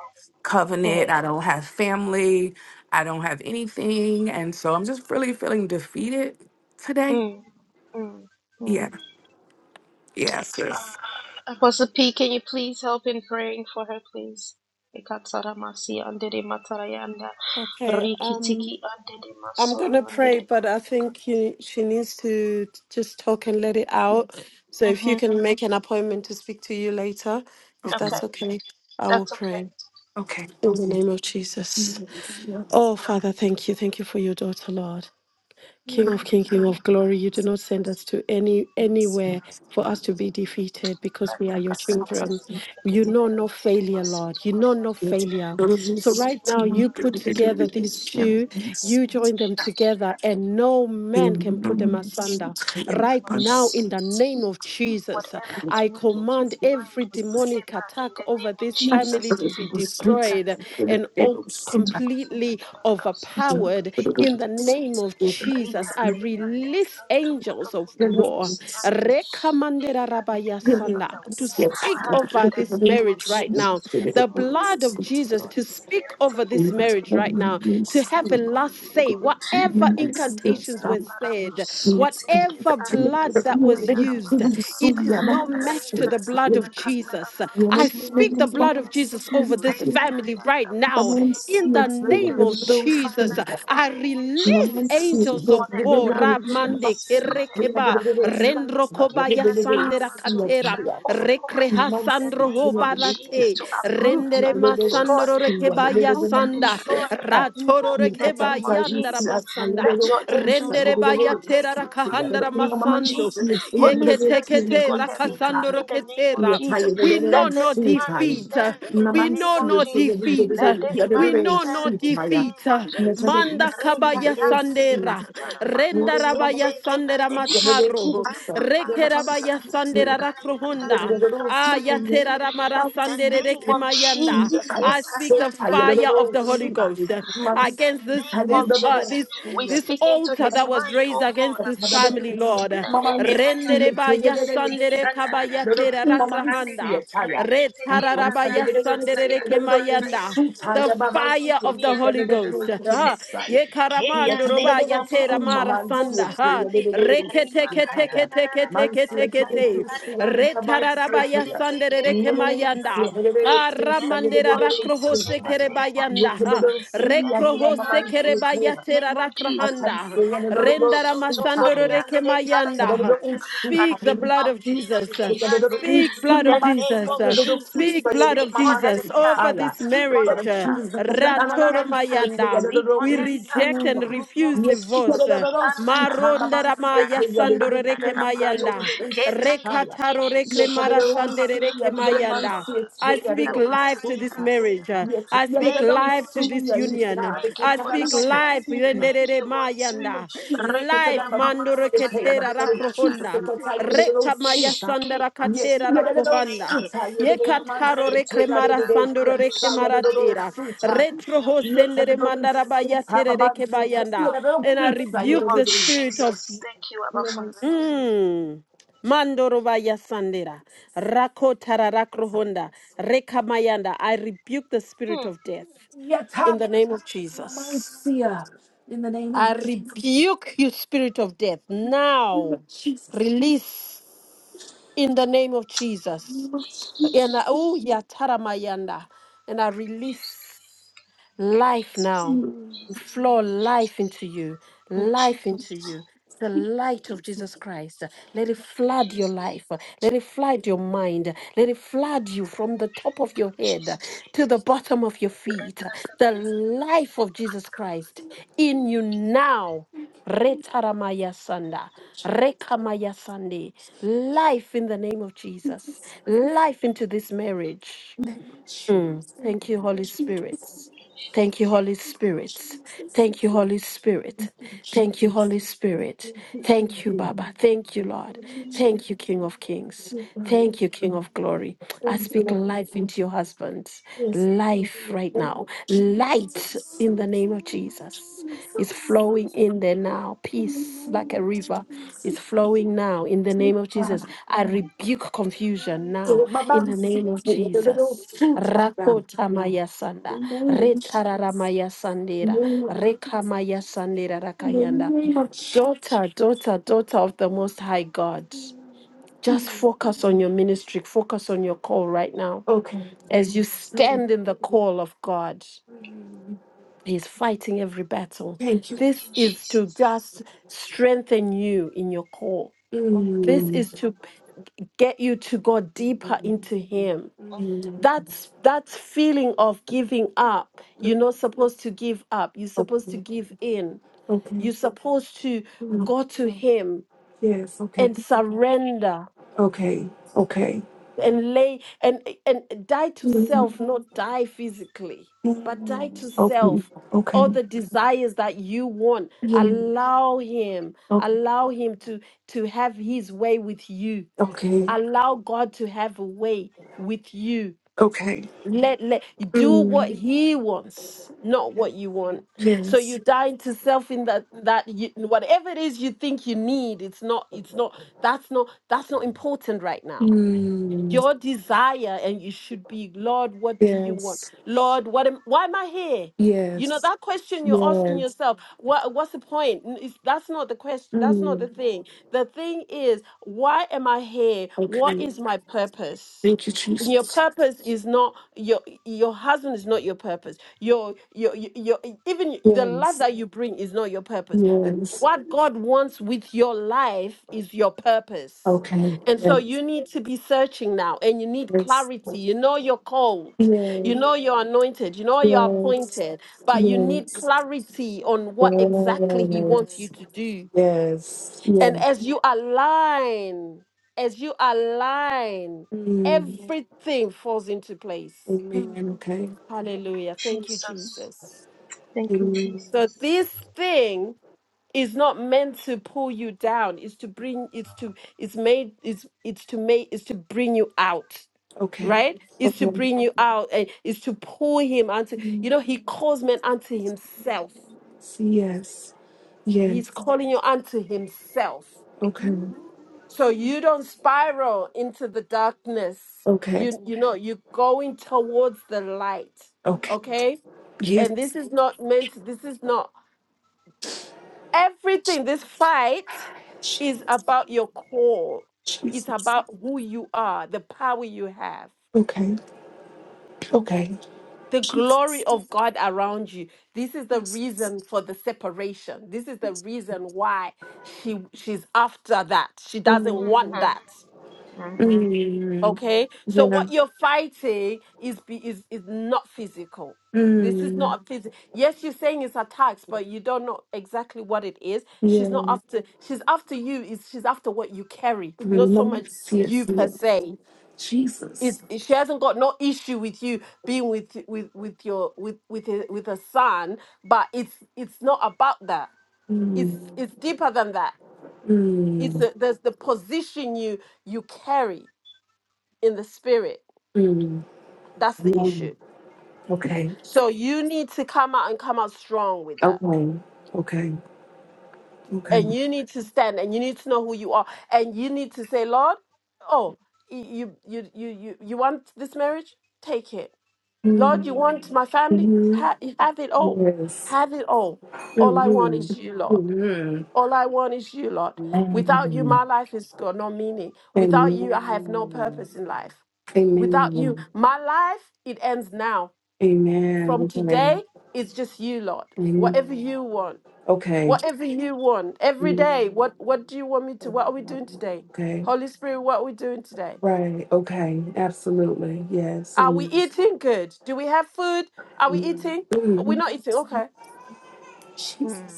Mm.
covenant. I don't have family. I don't have anything. And so I'm just really feeling defeated today.
Mm. Mm.
Yeah.
Mm.
Yes. sis.
Apostle P, can you please help in praying for her, please? Ekatsara masi andere matarayanda
okay
riki tiki
um
andere
I'm
masoro
gonna
andere
pray, but I think
matayakata.
he, she needs to t- just talk and let it out. So if you
Mhm,
can make an appointment to speak to you later, if
Okay.
that's
Okay,
okay, I will
that's okay.
pray
Okay.
in the name of Jesus.
Yes, yeah.
Oh, Father, thank you. Thank you for your daughter, Lord. King
Mm.
of King, King of Glory, you do not send us to any
Yes,
anywhere for us to be defeated because we are your
Ratakata
children.
yarasuna teke
You
teke
know
re
no
andere
failure,
masuto
Lord. You know
kore
no
ande.
failure.
I speak
So
into
right
your
now you
mind.
put
I speak
together
to your
these
spirit in the
two, you
name of
join
Jesus.
them together, and no man can put them asunder. Right now, in the name of
What
Jesus,
is
I
working,
command
we
every
will send it
demonic
back in
attack
the
over
name of
this
Jesus.
family to be destroyed and all completely overpowered in the name of Jesus. I release angels of war Rekamandera rabaya sana, to speak over this marriage right now the blood of Jesus to speak over this
Yes,
take
marriage right
over,
now,
take over, take
to
over,
have a
take over,
last
take
say.
over.
Whatever
Rikata ya
incantations were said,
paramaso teke
whatever
ande
blood that
sanda
was
ya
used,
ramasi anta.
it is no match to the
Rikata
blood
ya
of
katara
Jesus. I
marusi
speak
ante
the blood of
kiriande.
Jesus over this family
Renianda
right now.
ramasi ante
In the
kayanda.
name of Jesus,
Father, in the
I
name of
release
Maman,
Jesus,
see it, so
angels
speak
you're
of
on their
the
war.
behalf.
Ramande
Speak on their
kerekeba,
behalf. Father,
rendro
you give
kobaya
us
sandera
power to
katera,
trample upon in the
rekreha ho
name of
barate
Jesus to uproot
rendere
and to destroy
masandoro
we
rekebaya
uproot and
sanda
destroy any
ratoro
evil in the
rekeba
name of
yandara
Jesus.
masanda
Let your angels,
rendere
oh
baya
God,
tera
take over in the
rakahandara
name of
masando
Jesus. Holy
yekete
Spirit, speak
kete
on her behalf
rakasandoro
in the name of
ketera
Jesus.
we know
Let
no
this marriage
defeat
stand in
we
the name
know
of
no
Jesus.
defeat
Let this
we
other
marriage
way,
know no
see
stand
it,
in the
Maya.
defeat
name of
Let
Jesus.
it be
manda
Rita
seen,
kabaya
let it be
Yara Si
seen.
sandera
Antara Mako
renda
Se
Mama,
rabaya
Teke
sandera
Ande
mataro
Ki Amamara
rekerabaya
Sata
sandera
Yakayanda
rakrohonda Mayanda. Ah, yatera ramara
in the
sandere
name
reke
of Jesus, Ketayandaramarosibanta.
I speak the fire of the Holy Ghost uh,
in the
against this
name
this
of
uh,
Jesus,
this
we
this
speak into
altar
his
that was
mind,
raised
oh
against
God.
this family, Lord.
Ede matara
Rendere ba
makosi tiki
yasandere
andara
kaba
rara
yatera
marusi ande
rakrahanda.
rekete ke
Retara
andara santa
yasandere
ya
reke
kasanta ya
The
roboro
fire
siti
of
ni
the Holy
andara rara
Ghost. Ah,
makosete ke
Yes,
yekaramando
ande
roba
samaro
yatera mara
toro kosi
sanda. Ah,
ande
rekete
rima
kete
kaya
kete
andara rara
kete kete
masanta
kete
ya
Sete,
kari ande
Retarabaya
rekete
Sandere
kere andere
Kemayanda,
santa ya in the name
Aramandera
of Jesus in
Rakrohose
the name of
Kerebayanda,
Jesus in the name of
Rekrohose
Jesus in
Kerebaya
the name of
I
Jesus
can
Rakrahanda,
see another
roboro
world
Rendara
soti
Masandoro
sometime.
Koriandere
Yet another
Kemayanda.
Tarakayanda
one soon. I
Speak the
Rima
blood
can
of
see
Jesus.
another
Terekayandere
one
Speak
in
blood
soon.
the
I'm
of
not
name
sure.
Jesus.
of
Yet
uh,
another one
Jesus.
soon.
Speak blood
Speak
of
I'm
on
not
her
Jesus
behalf.
over this
Speak on her
sure.
marriage. uh,
behalf. Speak on
Ratoro
her behalf.
Yet
Mayanda.
Speak
another
on
We
one
her
soon.
behalf.
I'm
reject and refuse
Rumoro
not sure. Yet
divorce.
seki
uh,
ki
another one soon.
andara
I'm not
Marondera
ratayara
Maya
sure. Yet
si
another
Sandoro
andara
Reke
ramato.
Mayanda.
Ketayane.
Rekataro Rekre
Fight
Mara
for her.
Sandere Reke
Fight for
Mayanda.
her.
I
In the
speak life to this
matayara si
marriage. uh,
andara.
I speak
Thank you, Lord
life to this
Jesus.
union. um,
Thank
one soon.
you,
I
Holy
I'm
speak
not
Spirit.
life.
sure
Thank
Yenderere
you, Holy
name
Spirit.
of
mayanda.
Jesus, because I
Life.
Rekea
got my blood
Mandoro
mamarota
here, the
ketera
yakata
blood of Jesus, I
rakrohonda.
yandarara
can tell you the
marosete.
little
Reka maya
suits, huh?
sandara
Yes,
Kemasi
katera
yeah, the
ante
little
rakohanda.
reke
suits, huh? Yeah,
ande.
the little man
Yekataro
sits
Reta
here, the
rekremara
little
yara
day,
sandoro
yes, I got the
marosunda
little
yara
rekemaratera.
suits, huh?
mataya.
Retroho
Yes, the
sendere
little
mandara baya
suits, huh? The
tere
man
reke
sits
bayanda.
here, the little
And I
suits,
In
huh? Yeah,
the
the
name
rebuke
little
of
the
days,
spirit
yeah,
of
Jesus. Thank you,
the
Abba
little man
Father.
sits
Mm. Mandorovaya Sandera,
here.
Rakotararacrohonda, Rekamayanda. I rebuke the spirit
Hmm.
of death
Yes, huh?
in the name of Jesus.
In the name of
I rebuke you, spirit of death. Now
Jesus,
release in the name of
in
Jesus. And I, oh, Yataramayanda. And I release. Life now.
the name
We flow life into you, life into you. The
of
light of
Jesus.
Jesus Christ. Let it flood your life. Let it flood your mind. Let it flood you from the top of your head to the bottom of your feet. The life of Jesus Christ in you now. Retaramaya Sanda, Rekamaya Sande, life in the name of Jesus, life into this marriage.
Yes.
Mm. Thank you, Holy Spirit. Thank you, Holy Spirit. Thank you, Holy Spirit. Thank you, Holy Spirit. Thank you, Baba. Thank you, Lord. Thank you, King of Kings. Thank you, King of Glory. I speak life into your husband. Life right now. Light in the name of Jesus is flowing in there now. Peace like a river is flowing now in the name of Jesus. I rebuke confusion now in the name of Jesus. Rakota maya sanda, retarara maya sandera, reka maya sandera rakayanda. Daughter, daughter, daughter of the Most High God, just focus on your ministry, focus on your call right now. As you
Okay.
stand in the call of God, He's fighting every battle.
Thank you.
Thank you,
This is to
Jesus.
just strengthen you in your call. This
Mm.
is to get you to go deeper into him
Mm.
that's that feeling of giving up you're not supposed to give up you're
Okay.
supposed to give in
Okay.
you're supposed to
Mm.
go to him
Yes. Okay.
and surrender
Okay. Okay.
and lay and and die to self
Mm.
not die physically but die
Mm.
to
Okay.
self
Okay.
all the desires that you want
Mm.
allow him
Okay.
allow him to to have his way with you
Okay.
allow god to have a way with you
Okay.
let let you do what
Mm.
he wants not what you want so
Yes.
you die to self in that that you, whatever it is you think you need it's not it's not that's not that's not important right now
Mm.
your desire and you should be lord what do you want
Yes.
lord what am, why am i here you know
Yes.
that question you're asking
Yes.
yourself what, what's the point N- it's- that's not the question that's not the
Mm.
thing the thing is why am i here what
Okay.
is my purpose
Thank you,
your
Jesus.
purpose is not your your husband is not your purpose your your your, your even the life
Yes.
that you bring is not your purpose
Yes.
what god wants with your life is your purpose
Okay.
and so
Yes.
you need to be searching now and you need
Yes.
clarity. You know you're called,
Yes.
you know you're anointed, you know you're
Yes,
appointed, but you need
yes,
clarity on what exactly He wants you
yes,
to do.
yes, Yeah.
And as you align, as you align,
Mm,
everything falls into place.
Hmm.
amen. Okay.
Hallelujah. Thank you,
Jesus.
Jesus.
Thank you,
Amen.
Jesus.
So this thing is not meant to pull you down. It's to bring it's to it's made it's it's to make it's to bring you out
Okay.
right? Is to
Okay.
bring you out and is to pull him unto,
Mm,
you know, he calls men unto himself.
yes, yes.
He's calling you unto himself.
Okay.
So you don't spiral into the darkness.
Okay.
You you know, you're going towards the light.
Okay.
Okay? And
Yes.
this is not meant, this is not everything. This fight
Je-
is about your call. It's
Jesus.
about who you are, the power you have.
Okay. Okay.
the
Jesus.
glory of God around you. This is the reason for the separation. This is the reason why she she's after that. She doesn't want
Mm,
that.
mm,
Okay? So
yeah.
what you're fighting is be, is is not physical. This is
Mm,
not physical. Yes, you're saying it's attacks, but you don't know exactly what it is. She's not
yeah.
after she's after you is she's after what you carry, not so
Mm,
much
yes,
you
yes, yeah.
per se
Jesus.
is is- she hasn't got no issue with you being with with with your with with a, with a son but it's it's not about that it's
Mm.
it's deeper than that it's
Mm,
the, there's the position you you carry in the spirit
mm,
that's the
mm.
issue
Okay.
so you need to come out and come out strong with that
Okay. Okay. Okay.
and you need to stand and you need to know who you are and you need to say lord oh y- you you you you, you want this marriage take it Lord, you
Mm,
want my family?
mhm.
Ha- have it all.
Yes.
Have it all. All I want
Mm-hmm.
is you, Lord.
Mm-hmm.
All I want is you, Lord. Without you,
Amen.
my life has got no meaning. Without you, I have no purpose in life. Without you,
Amen.
my life, it ends now. From
Amen.
today, it's just you, Lord.
Amen.
Whatever you want.
Okay. Amen. Okay.
Whatever you want. Every day.
Mm,
What what do you want me to? What are we doing today?
Okay.
Holy Spirit, what are we doing today?
Right. Okay. Absolutely. Yes.
Are we
Amen.
eating good? Do we have food? Are we
Amen.
eating? We're
Mm,
not eating. Okay.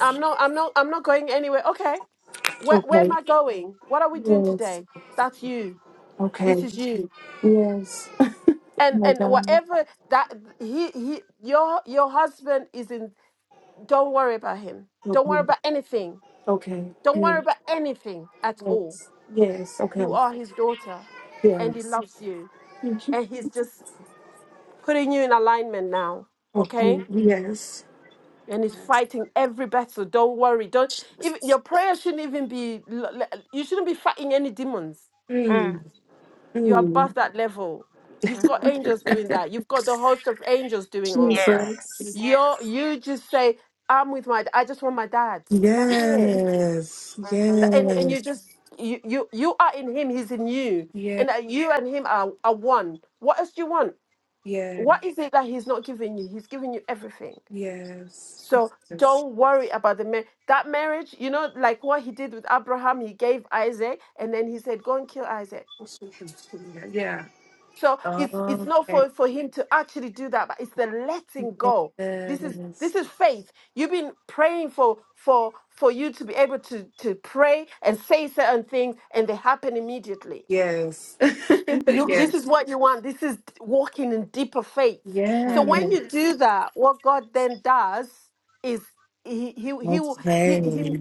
I'm not. I'm not. I'm not going anywhere. Okay. Where Where am
Okay.
I going? What are we doing
Yes.
today? That's you. This
Okay.
is you.
Yes. Oh
And
my
and
God.
whatever that he he your your husband is in. Don't worry about him. Don't worry
Okay.
about anything.
Okay.
Don't worry
Yes.
about anything at all.
Yes. Yes. Okay.
You are his daughter, and he
Yes.
loves you,
Mhm.
and he's just putting you in alignment now. Okay,
Okay. Yes.
and he's
Yes.
fighting every battle. Don't worry. Don't even your prayer shouldn't even be. l- l- You shouldn't be fighting any demons
Mm.
You're
Mm.
above that level. You've got angels doing that. You've got the host of angels doing all of that.
Mm-hmm.
Jesus.
You're you just say, I'm with my I just want my dad. That's it. Th-
Yes.
And and you
Yes.
just you you you are in him, he's in you.
Yeah.
And that you and him are, are one. What else do you want?
Yeah.
What is it that he's not giving you? He's giving you everything.
Yes.
So
Yes.
don't worry about the mar- that marriage. You know, like what he did with Abraham, he gave Isaac, and then he said, "Go and kill Isaac."
Yeah.
So it's it's not
Okay.
for, for him to actually do that, but it's the letting go. This is
Yes.
this is faith. You've been praying for for for you to be able to to pray and say certain things, and they happen immediately
Yes.
you this
yes.
is what you want this is walking in deeper faith so
Mm-hmm.
when you do that what god then does is he he he will-
Yes.
he he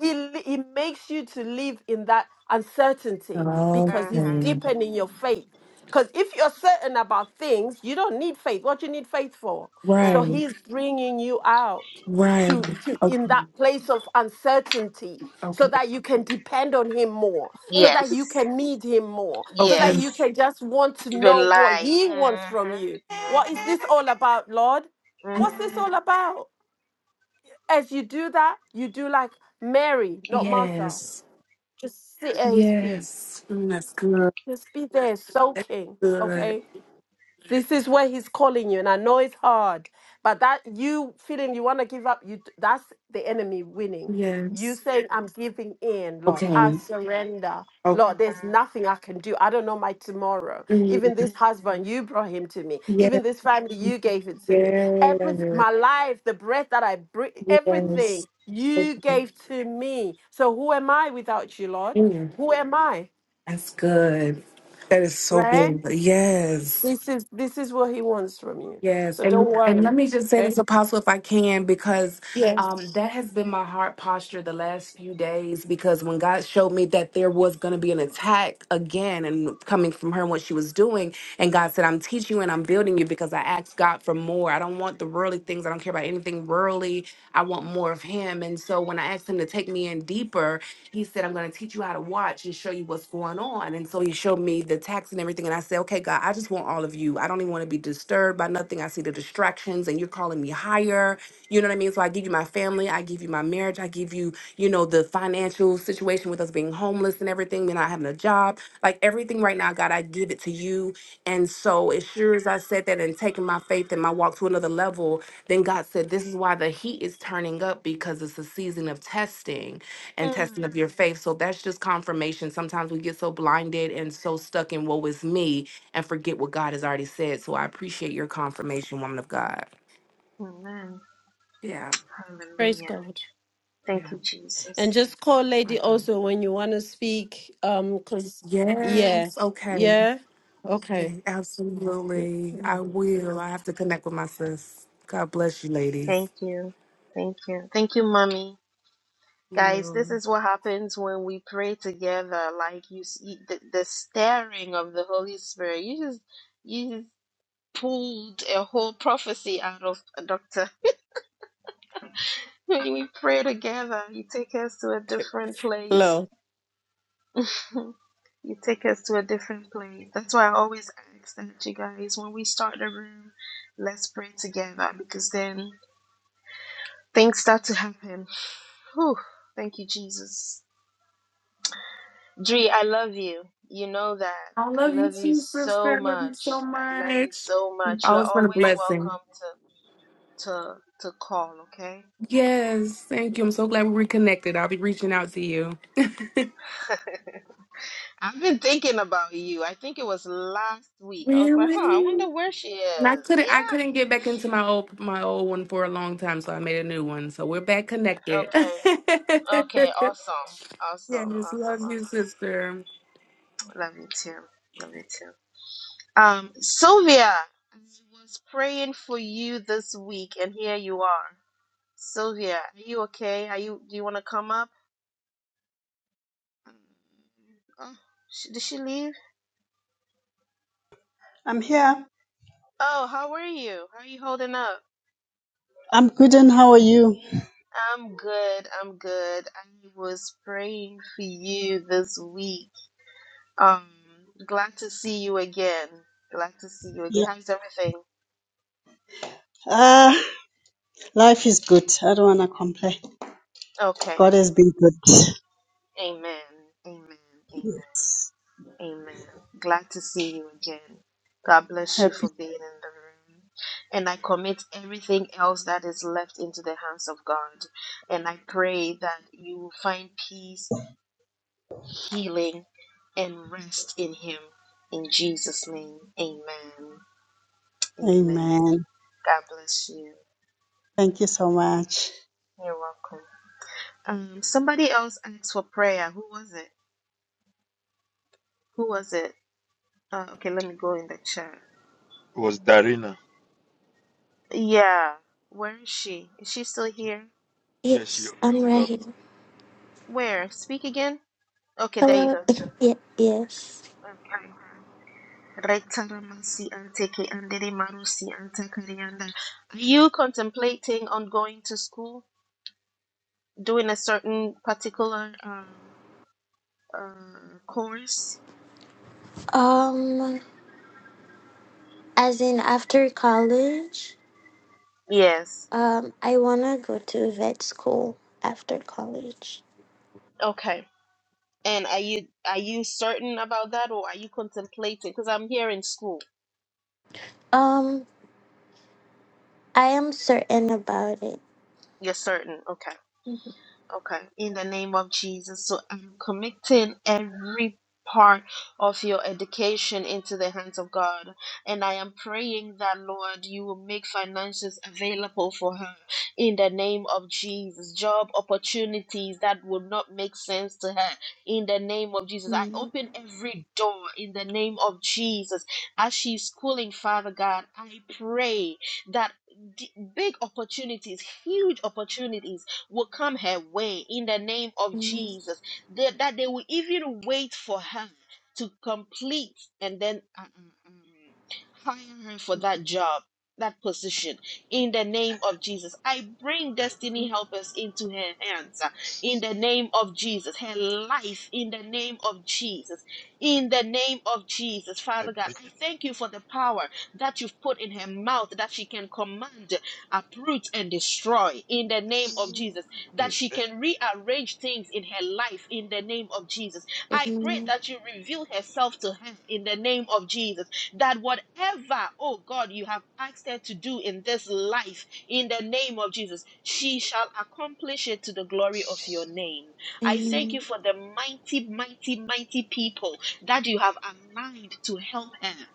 he, li- he makes you to live in that uncertainty
Okay.
because he's
Mm-hmm.
Okay.
deepening your faith because if you're certain about things you don't need faith what do you need faith for so
Right.
he's bringing you out
Right.
to, to
O-
in that place of uncertainty so
Okay.
that you can depend on him more so
Yes.
that you can need him more so that
Yes.
Okay.
you can just want to know what
Rely.
he wants from
Mm-hmm.
you what is this
Mm-hmm.
all about lord
Mm-hmm.
what's this all about as you do that you do like mary not martha
Yes.
just sit at his feet
Yes. Mm, that's good.
just be there
That's
soaking
good.
okay This is where he's calling you, and I know it's hard, but that you feeling you want to give up, you that's the enemy winning. You
Yes.
saying, I'm giving in, Lord. I
Okay.
surrender.
Okay.
Lord, there's nothing I can do. I don't know my tomorrow.
Mm,
Even this husband, you brought him to me.
yeah.
Even this family, you gave it to me. Every
Yeah.
my life, the breath that I breathe, everything
Yes.
you
Okay.
gave to me. So who am I without you, Lord?
Mm,
Who am I?
that's good. That is so
Right?
good. Yes.
This is this is what he wants from you.
Yes,
So don't
and and
worry.
let me just say
Okay?
this, Apostle, if I can, because
Yes.
um, that has been my heart posture the last few days. Because when God showed me that there was going to be an attack again, and coming from her and what she was doing, and God said, "I'm teaching you and I'm building you because I asked God for more. I don't want the worldly things. I don't care about anything worldly. I want more of Him." And so when I asked Him to take me in deeper, he said, I'm going to teach you how to watch and show you what's going on. And so he showed me the text and everything. And I said, Okay, God, I just want all of you. I don't even want to be disturbed by nothing. I see the distractions and you're calling me higher. You know what I mean? So I give you my family. I give you my marriage. I give you, you know, the financial situation with us being homeless and everything, me not having a job. Like everything right now, God, I give it to you. And so, as sure as I said that and taking my faith and my walk to another level, then God said, This is why the heat is turning up because it's a season of testing and
Mm.
testing of your faith. So that's just confirmation. Sometimes we get so blinded and so stuck in woe is me and forget what God has already said. So I appreciate your confirmation, woman of God.
Amen.
Yeah.
Praise
Hallelujah.
God.
Thank
Yeah.
you,
And
Jesus.
just call
My
Lady
God.
also when you want to speak. Um, cause yeah,
Yes. Okay.
yeah.
Yeah,
Okay. Yeah.
Absolutely. I will. I have to connect with my sis. God bless you, ladies.
Thank you. Thank you. Thank you, mommy. Guys,
Yeah.
this is what happens when we pray together. Like you see the, the stirring of the Holy Spirit. You just you just pulled a whole prophecy out of a doctor. When we pray together, you take us to a different
Hello.
place. You take us to a different place. That's why I always ask that you guys, when we start the room, let's pray together because then things start to happen Whew, thank you, Jesus. Dree, I love you. You know that.
I
I
love you
love you
too, sister.
so
I love you so
much. I love you
much.
so much. You're
Always been a
always
blessing.
welcome to to to call, okay?
Yes. Thank you. I'm so glad we reconnected. I'll be reaching out to you.
I've been thinking about you. I think it was last week. I was like, huh, I
Really?
wonder where she
And I
is.
couldn't I couldn't
Yeah.
get back into my old my old one for a long time, so I made a new one. So we're back connected.
Okay. Okay, awesome. Awesome.
yes,
Awesome.
love you,
Awesome.
sister.
Love you too. Love you too. Um, Sylvia, I was praying for you this week and here you are. Sylvia, are you okay? Are you? Do you want to come up? Oh, sh- did she leave?
I'm here.
Oh, how are you? How are you holding up?
I'm good, and how are you?
I'm good. I'm good. I was praying for you this week. Um, glad to see you again. Glad to see you again.
Yeah.
How's everything?
Ah, life is good. I don't want to complain.
Okay.
God has been good.
Amen. Amen. Amen. Amen. Glad to see you again. God bless you
Happy.
for being in the room. And I commit everything else that is left into the hands of God. And I pray that you will find peace, healing, and rest in Him. In Jesus' name, amen. Amen.
Amen.
God bless you.
Thank you so much.
You're welcome. Um, somebody else asked for prayer. Who was it? Who was it? Uh, okay, let me go in the chat.
It was Darina.
Yeah. Where is she? Is she still here?
Yes, she,
Yes, I'm
she's
right
up.
here.
Where? Speak again? Okay, there you
Hello.
go.
yeah, yes.
Okay. Retaramasi anteke andere marusi antakarianda. Are you contemplating on going to school, doing a certain particular um uh course?
Um, as in after college,
Yes.
um, I wanna go to vet school after college.
Okay. And are you are you certain about that, or are you contemplating? Because I'm here in school.
Um, I am certain about it.
You're certain. Okay. Okay, in the name of Jesus. So I'm committing every part of your education into the hands of God. And I am praying that, Lord, you will make finances available for her in the name of Jesus. Job opportunities that would not make sense to her in the name of Jesus. I
Amen.
open every door in the name of Jesus. As she's schooling, Father God, I pray that d- big opportunities, huge opportunities will come her way in the name of
Amen.
Jesus. That, that they will even wait for her to complete and then uh, uh, um, hire her for that job, that position in the name of Jesus. I bring destiny helpers into her hands uh, in the name of Jesus. Her life in the name of Jesus. In the name of Jesus,
Amen.
Father God, I thank you for the power that you've put in her mouth that she can command uproot and destroy in the name of Jesus, that
Amen.
she can rearrange things in her life in the name of Jesus. I pray
Amen.
that you reveal herself to her in the name of Jesus, that whatever, oh God, you have asked her to do in this life in the name of Jesus, she shall accomplish it to the glory of your
Yes.
name. I
yes,
thank you
Amen.
for the mighty, mighty, mighty people that you have aligned to help her.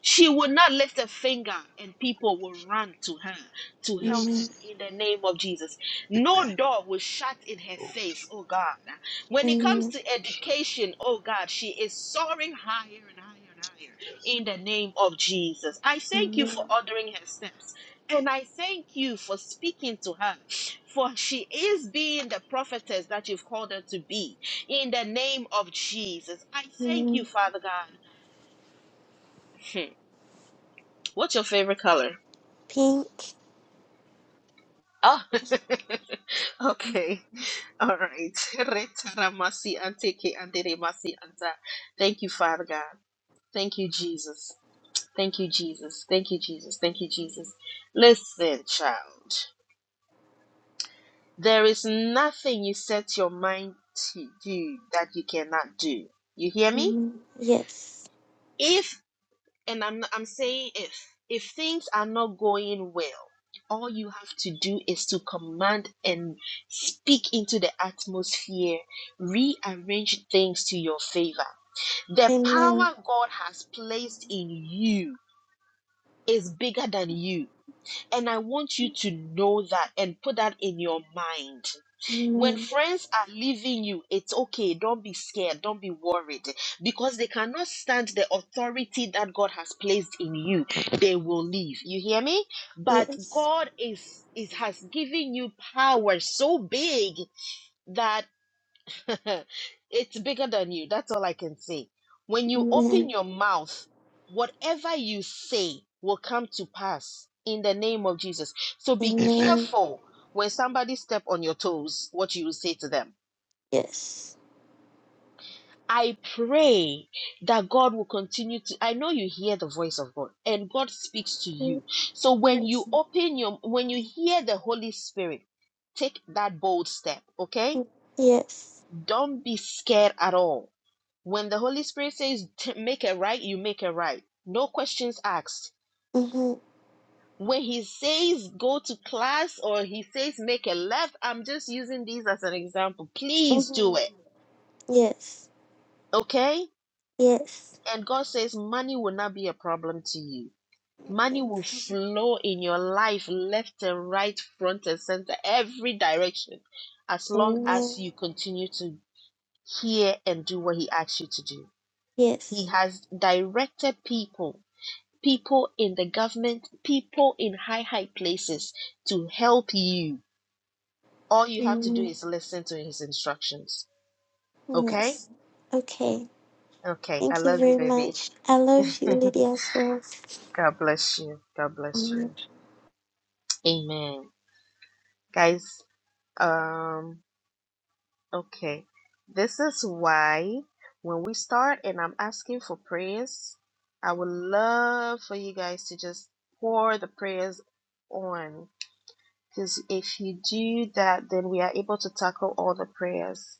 She will not lift a finger and people will run to her to help her
Amen.
yes.
in the name of Jesus. No
Amen.
door will shut in her
Oh,
face, oh God.
Amen.
When it comes
Amen.
to education, oh God, she is soaring higher and higher and higher
yes.
in the name of Jesus. I thank you for
Amen.
ordering her steps. And I thank you for speaking to her, for she is being the prophetess that you've called her to be in the name of Jesus. I thank you, Father God. Hmm. What's your favorite color?
Pink.
Oh, okay. All right. Retaramasi anteke anderemasi anta. Thank you, Father God. Thank you, Jesus. Thank you, Jesus. Thank you, Jesus. Thank you, Jesus. Listen, child. There is nothing you set your mind to do that you cannot do. You hear me?
Amen. Yes.
If and I'm I'm saying if if things are not going well, all you have to do is to command and speak into the atmosphere, rearrange things to your favor. The
Amen.
power God has placed in you is bigger than you. And I want you to know that and put that in your mind. When
Amen.
friends are leaving you, it's okay. Don't be scared. Don't be worried because they cannot stand the authority that God has placed in you. They will leave. You hear me? But
Yes.
God is, is has given you power so big that. it's bigger than you. That's all I can say. When you
Amen.
open your mouth, whatever you say will come to pass in the name of Jesus. So be
Amen.
Amen.
careful when somebody step on your toes what you will say to them.
Yes.
I pray that God will continue to I know you hear the voice of God and God speaks to
Amen.
you. So when you open your when you hear the Holy Spirit, take that bold step, okay?
Yes.
Don't be scared at all When the Holy Spirit says make it right, you make it right. No questions asked.
Mm-hmm.
When he says go to class or he says make a left, I'm just using these as an example. Please
Mm-hmm.
do it.
Yes.
Okay?
Yes.
And God says money will not be a problem to you. Money will flow in your life left and right, front and center, every direction, as long
Amen.
as you continue to hear and do what he asks you to do. He
Yes.
has directed people people in the government, people in high, high places to help you. All you have to do
Amen.
is listen to his instructions. Okay?
Yes. Okay.
Okay. I
Thank you
love you,
very
baby.
much. I love you, Lydia, as well.
God bless you. God bless
Amen.
you. Amen. Guys, um, okay. This is why when we start and I'm asking for prayers, I would love for you guys to just pour the prayers on. Because if you do that, then we are able to tackle all the prayers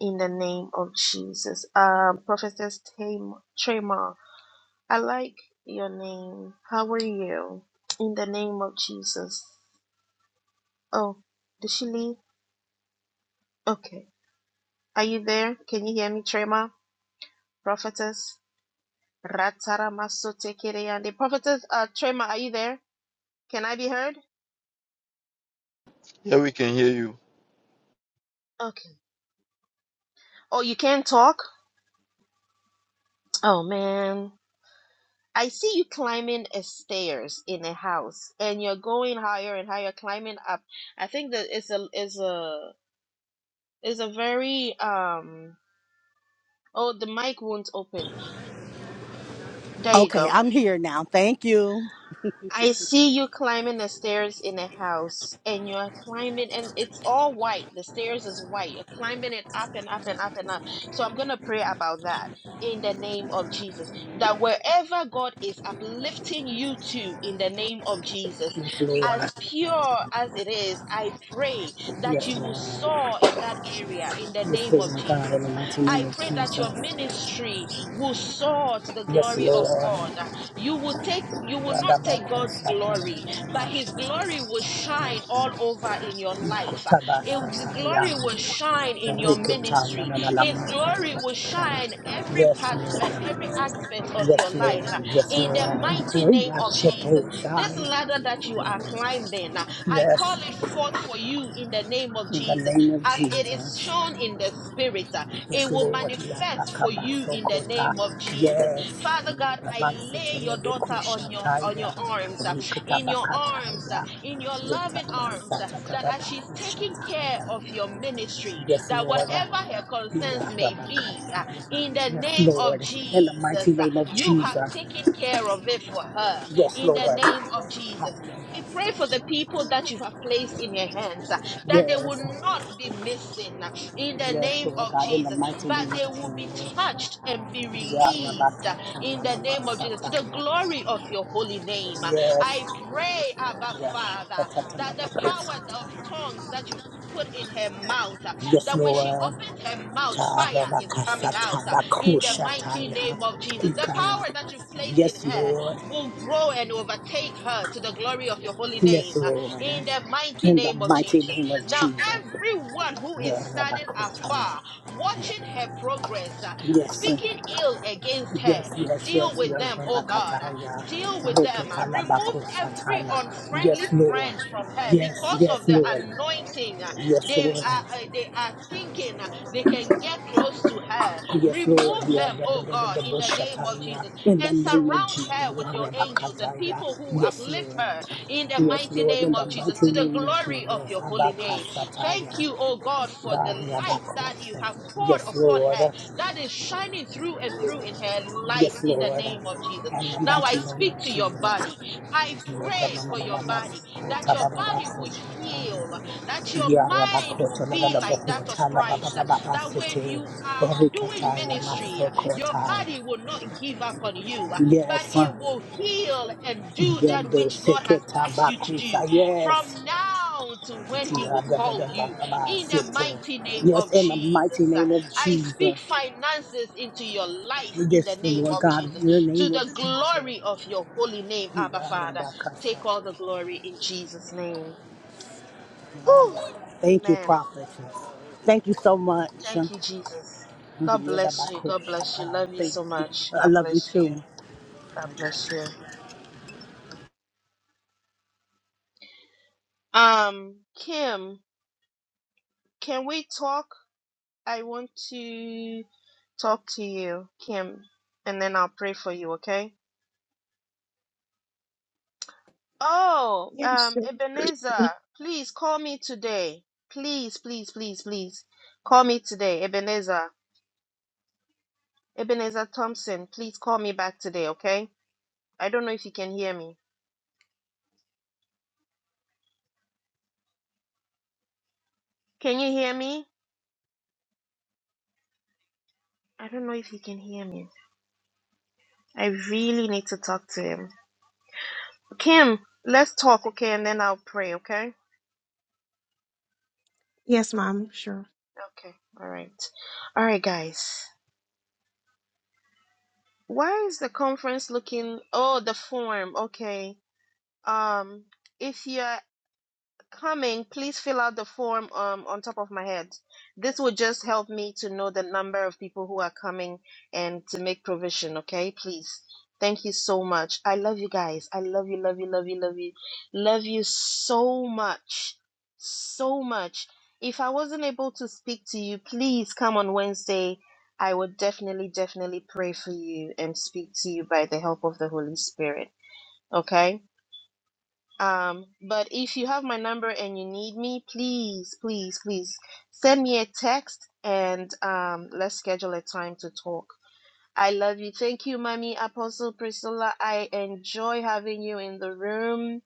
in the name of Jesus. Um, Prophetess Tam- Trema, I like your name. How are you? In the name of Jesus. Oh, did she leave? Okay. Are you there? Can you hear me, Trema? Prophetess? Rataramasotekereyande. Prophetess uh, Trema, are you there? Can I be heard?
Yeah, we can hear you.
Okay. Oh, you can't talk? Oh, man. I see you climbing a stairs in a house and you're going higher and higher climbing up. I think that it's a is a is a very um oh the mic won't open. There you
Okay,
go.
I'm here now. Thank you.
I see you climbing the stairs in the house, and you're climbing, and it's all white. The stairs is white. You're climbing it up and up and up and up. So I'm going to pray about that in the name of Jesus. That wherever God is uplifting you to in the name of Jesus,
Yes, Lord.
as pure as it is, I pray that you
Yes,
will
Lord.
soar in that area in the
Yes,
name of
Lord God, in
Jesus.
the mighty
I
name of
pray that your
Jesus.
ministry will soar to the
Yes,
glory of
Lord. Yes, Lord.
God you will take you will
Yes,
not
Lord.
take god's
Yes,
glory but his
Lord.
glory will shine all over in your life it- his glory will shine in your ministry his glory will shine every
Yes,
part and every aspect of your life uh, in the mighty name of jesus this
Lord.
ladder that you are climbing uh, i
Yes,
call it forth for you in the name of
in the
jesus
name of
as it is
Jesus.
shown in the spirit uh,
Yes,
it will
Lord, you are
manifest for you in the
Takabasokota.
name of jesus
Yes,
Father God, I lay your daughter on your on
Ramasatelebekushakaya,
your arms, uh, in your arms,
Rikutabakataya,
uh, in your loving arms, uh, that as she's taking care
Yetamasatatabakushataya.
of your ministry,
Yes,
that
Lord.
whatever her concerns
Yeah,
may be,
Rabakataya.
uh, in the
Yes,
name of
Lord. In the
Jesus,
mighty
uh,
name of
you have
Jesus.
taken care of it for her.
Yes,
In
Lord.
the name of Jesus, I pray for the people that you have placed in your hands uh, that they will
Yes.
not be missing uh, in the
Yes,
name
Lord
of
God, in the
Jesus,
mighty name
but
of
they will be
Jesus.
touched and be
Yeah,
released uh,
Rabakataya,
in the name of Jesus to the
Rabasataya.
glory of your holy name. Uh,
Yes,
I pray, Abba
Yes,
Father, that the power of tongues that you've Put in her mouth uh, that when she
Lord.
opens her mouth, fire is coming out uh, in the mighty name of Jesus. The power that you've placed in
Yes,
her
Lord.
will grow and overtake her to the glory of your holy
Yes,
name uh,
Lord.
in the mighty
In the
name of
mighty
Jesus.
name of
Now,
Jesus.
everyone who is standing afar, watching her progress, uh,
Yes,
speaking ill against her,
yes, yes, yes,
deal
yes,
with them, oh God. uh, Deal with them. uh, Remove every
Yes,
unfriendly
Lord.
friend from her
Yes,
because of
yes,
the
Lord.
anointing. uh,
Yes,
They are,
Lord.
uh, they are thinking uh, they can get close to her.
Yes, Lord.
Remove
Yeah,
them,
da, da,
oh
da, da,
God,
da,
in
bo-
the name of Jesus,
shataya. In the
and
name of
surround
Jesus.
her with your angels and
Rabakataya.
people who
Yes,
uplift
Lord.
her in the
Yes,
mighty
Lord.
name
In
of
the
Jesus
mighty
to the
name of
glory of
Jesus.
your holy name. Thank you,
Abakasataya.
oh God, for the
God,
light that you have
Rabakosa.
poured
Yes,
upon
Lord.
her that is shining through and through in her life
Yes,
in the
Lord.
name of Jesus.
In the
Now I
mighty name
speak
of
to your body.
Jesus.
I pray for your body that your body will heal, that your
Yeah,
mind will
Rabakota, la, la,
be
la, bo-
like that of
kota, la, ba, ba,
Christ,
ba, ba, ba,
that when
sete.
you are doing
Orikataya,
ministry, your
masokota.
body will not give up on you, but
Yes.
it will heal and do that
Yando
which God has
seketa
asked you to
bakusa,
do
yes.
from now to when He will call you. In the mighty name of
Yes, in the mighty
Jesus,
name of
I speak
Jesus.
finances into your life in
Yes,
the
the
name
Lord
of
God,
Jesus.
in the
To
name of
the
Jesus.
glory of your holy name, Abba Father, take all the glory in Jesus' name. Whew.
Thank you,
Amen.
prophet. Thank you so much.
Thank you,
Thank
Jesus. God
you.
bless you. God bless you. Love you so much.
I
God
love you
bless you.
too.
God bless you. Um, Kim, can we talk? I want to talk to you, Kim, and then I'll pray for you, okay? Oh,
Yes,
um,
sure.
Ebenezer, please call me today. Please, please, please, please. Call me today, Ebenezer. Ebenezer Thompson, please call me back today, okay? I don't know if you can hear me. Can you hear me? I don't know if you can hear me. I really need to talk to him. Kim, let's talk, okay? And then I'll pray, okay?
Yes, Mom, Sure.
Okay. All right. All right, guys. Why is the conference looking? Oh, the form. Okay. Um, if you're coming, please fill out the form um, on top of my head. This will just help me to know the number of people who are coming and to make provision, okay? Please. Thank you so much. I love you guys. I love you, love you, love you, love you. Love you so much. So much. If I wasn't able to speak to you, please come on Wednesday. I would definitely, definitely pray for you and speak to you by the help of the Holy Spirit. Okay? Um, but if you have my number and you need me, please, please, please send me a text and um, let's schedule a time to talk. I love you. Thank you, Mommy Apostle Priscilla. I enjoy having you in the room.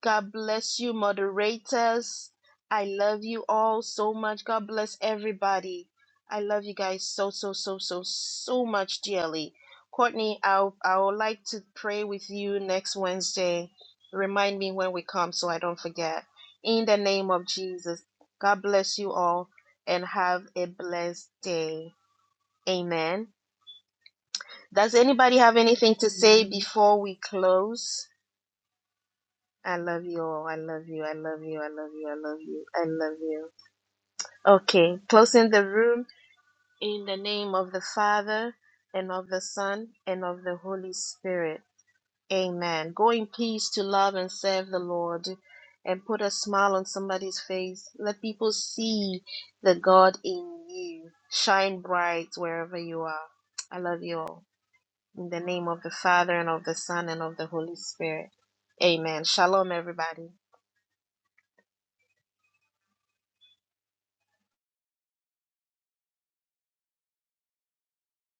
God bless you, moderators. I love you all so much. God bless everybody. I love you guys so so so so so much dearly. Courtney, I I would like to pray with you next Wednesday. Remind me when we come so I don't forget. In the name of Jesus, God bless you all and have a blessed day. Amen. Does anybody have anything to say
Amen.
before we close? I love you all. I love you. I love you. I love you. I love you. I love you. Okay, closing the room in the name of the Father and of the Son and of the Holy Spirit. Amen. Go in peace to love and serve the Lord and put a smile on somebody's face. Let people see the God in you. Shine bright wherever you are. I love you all. In the name of the Father and of the Son and of the Holy Spirit. Amen. Shalom, everybody.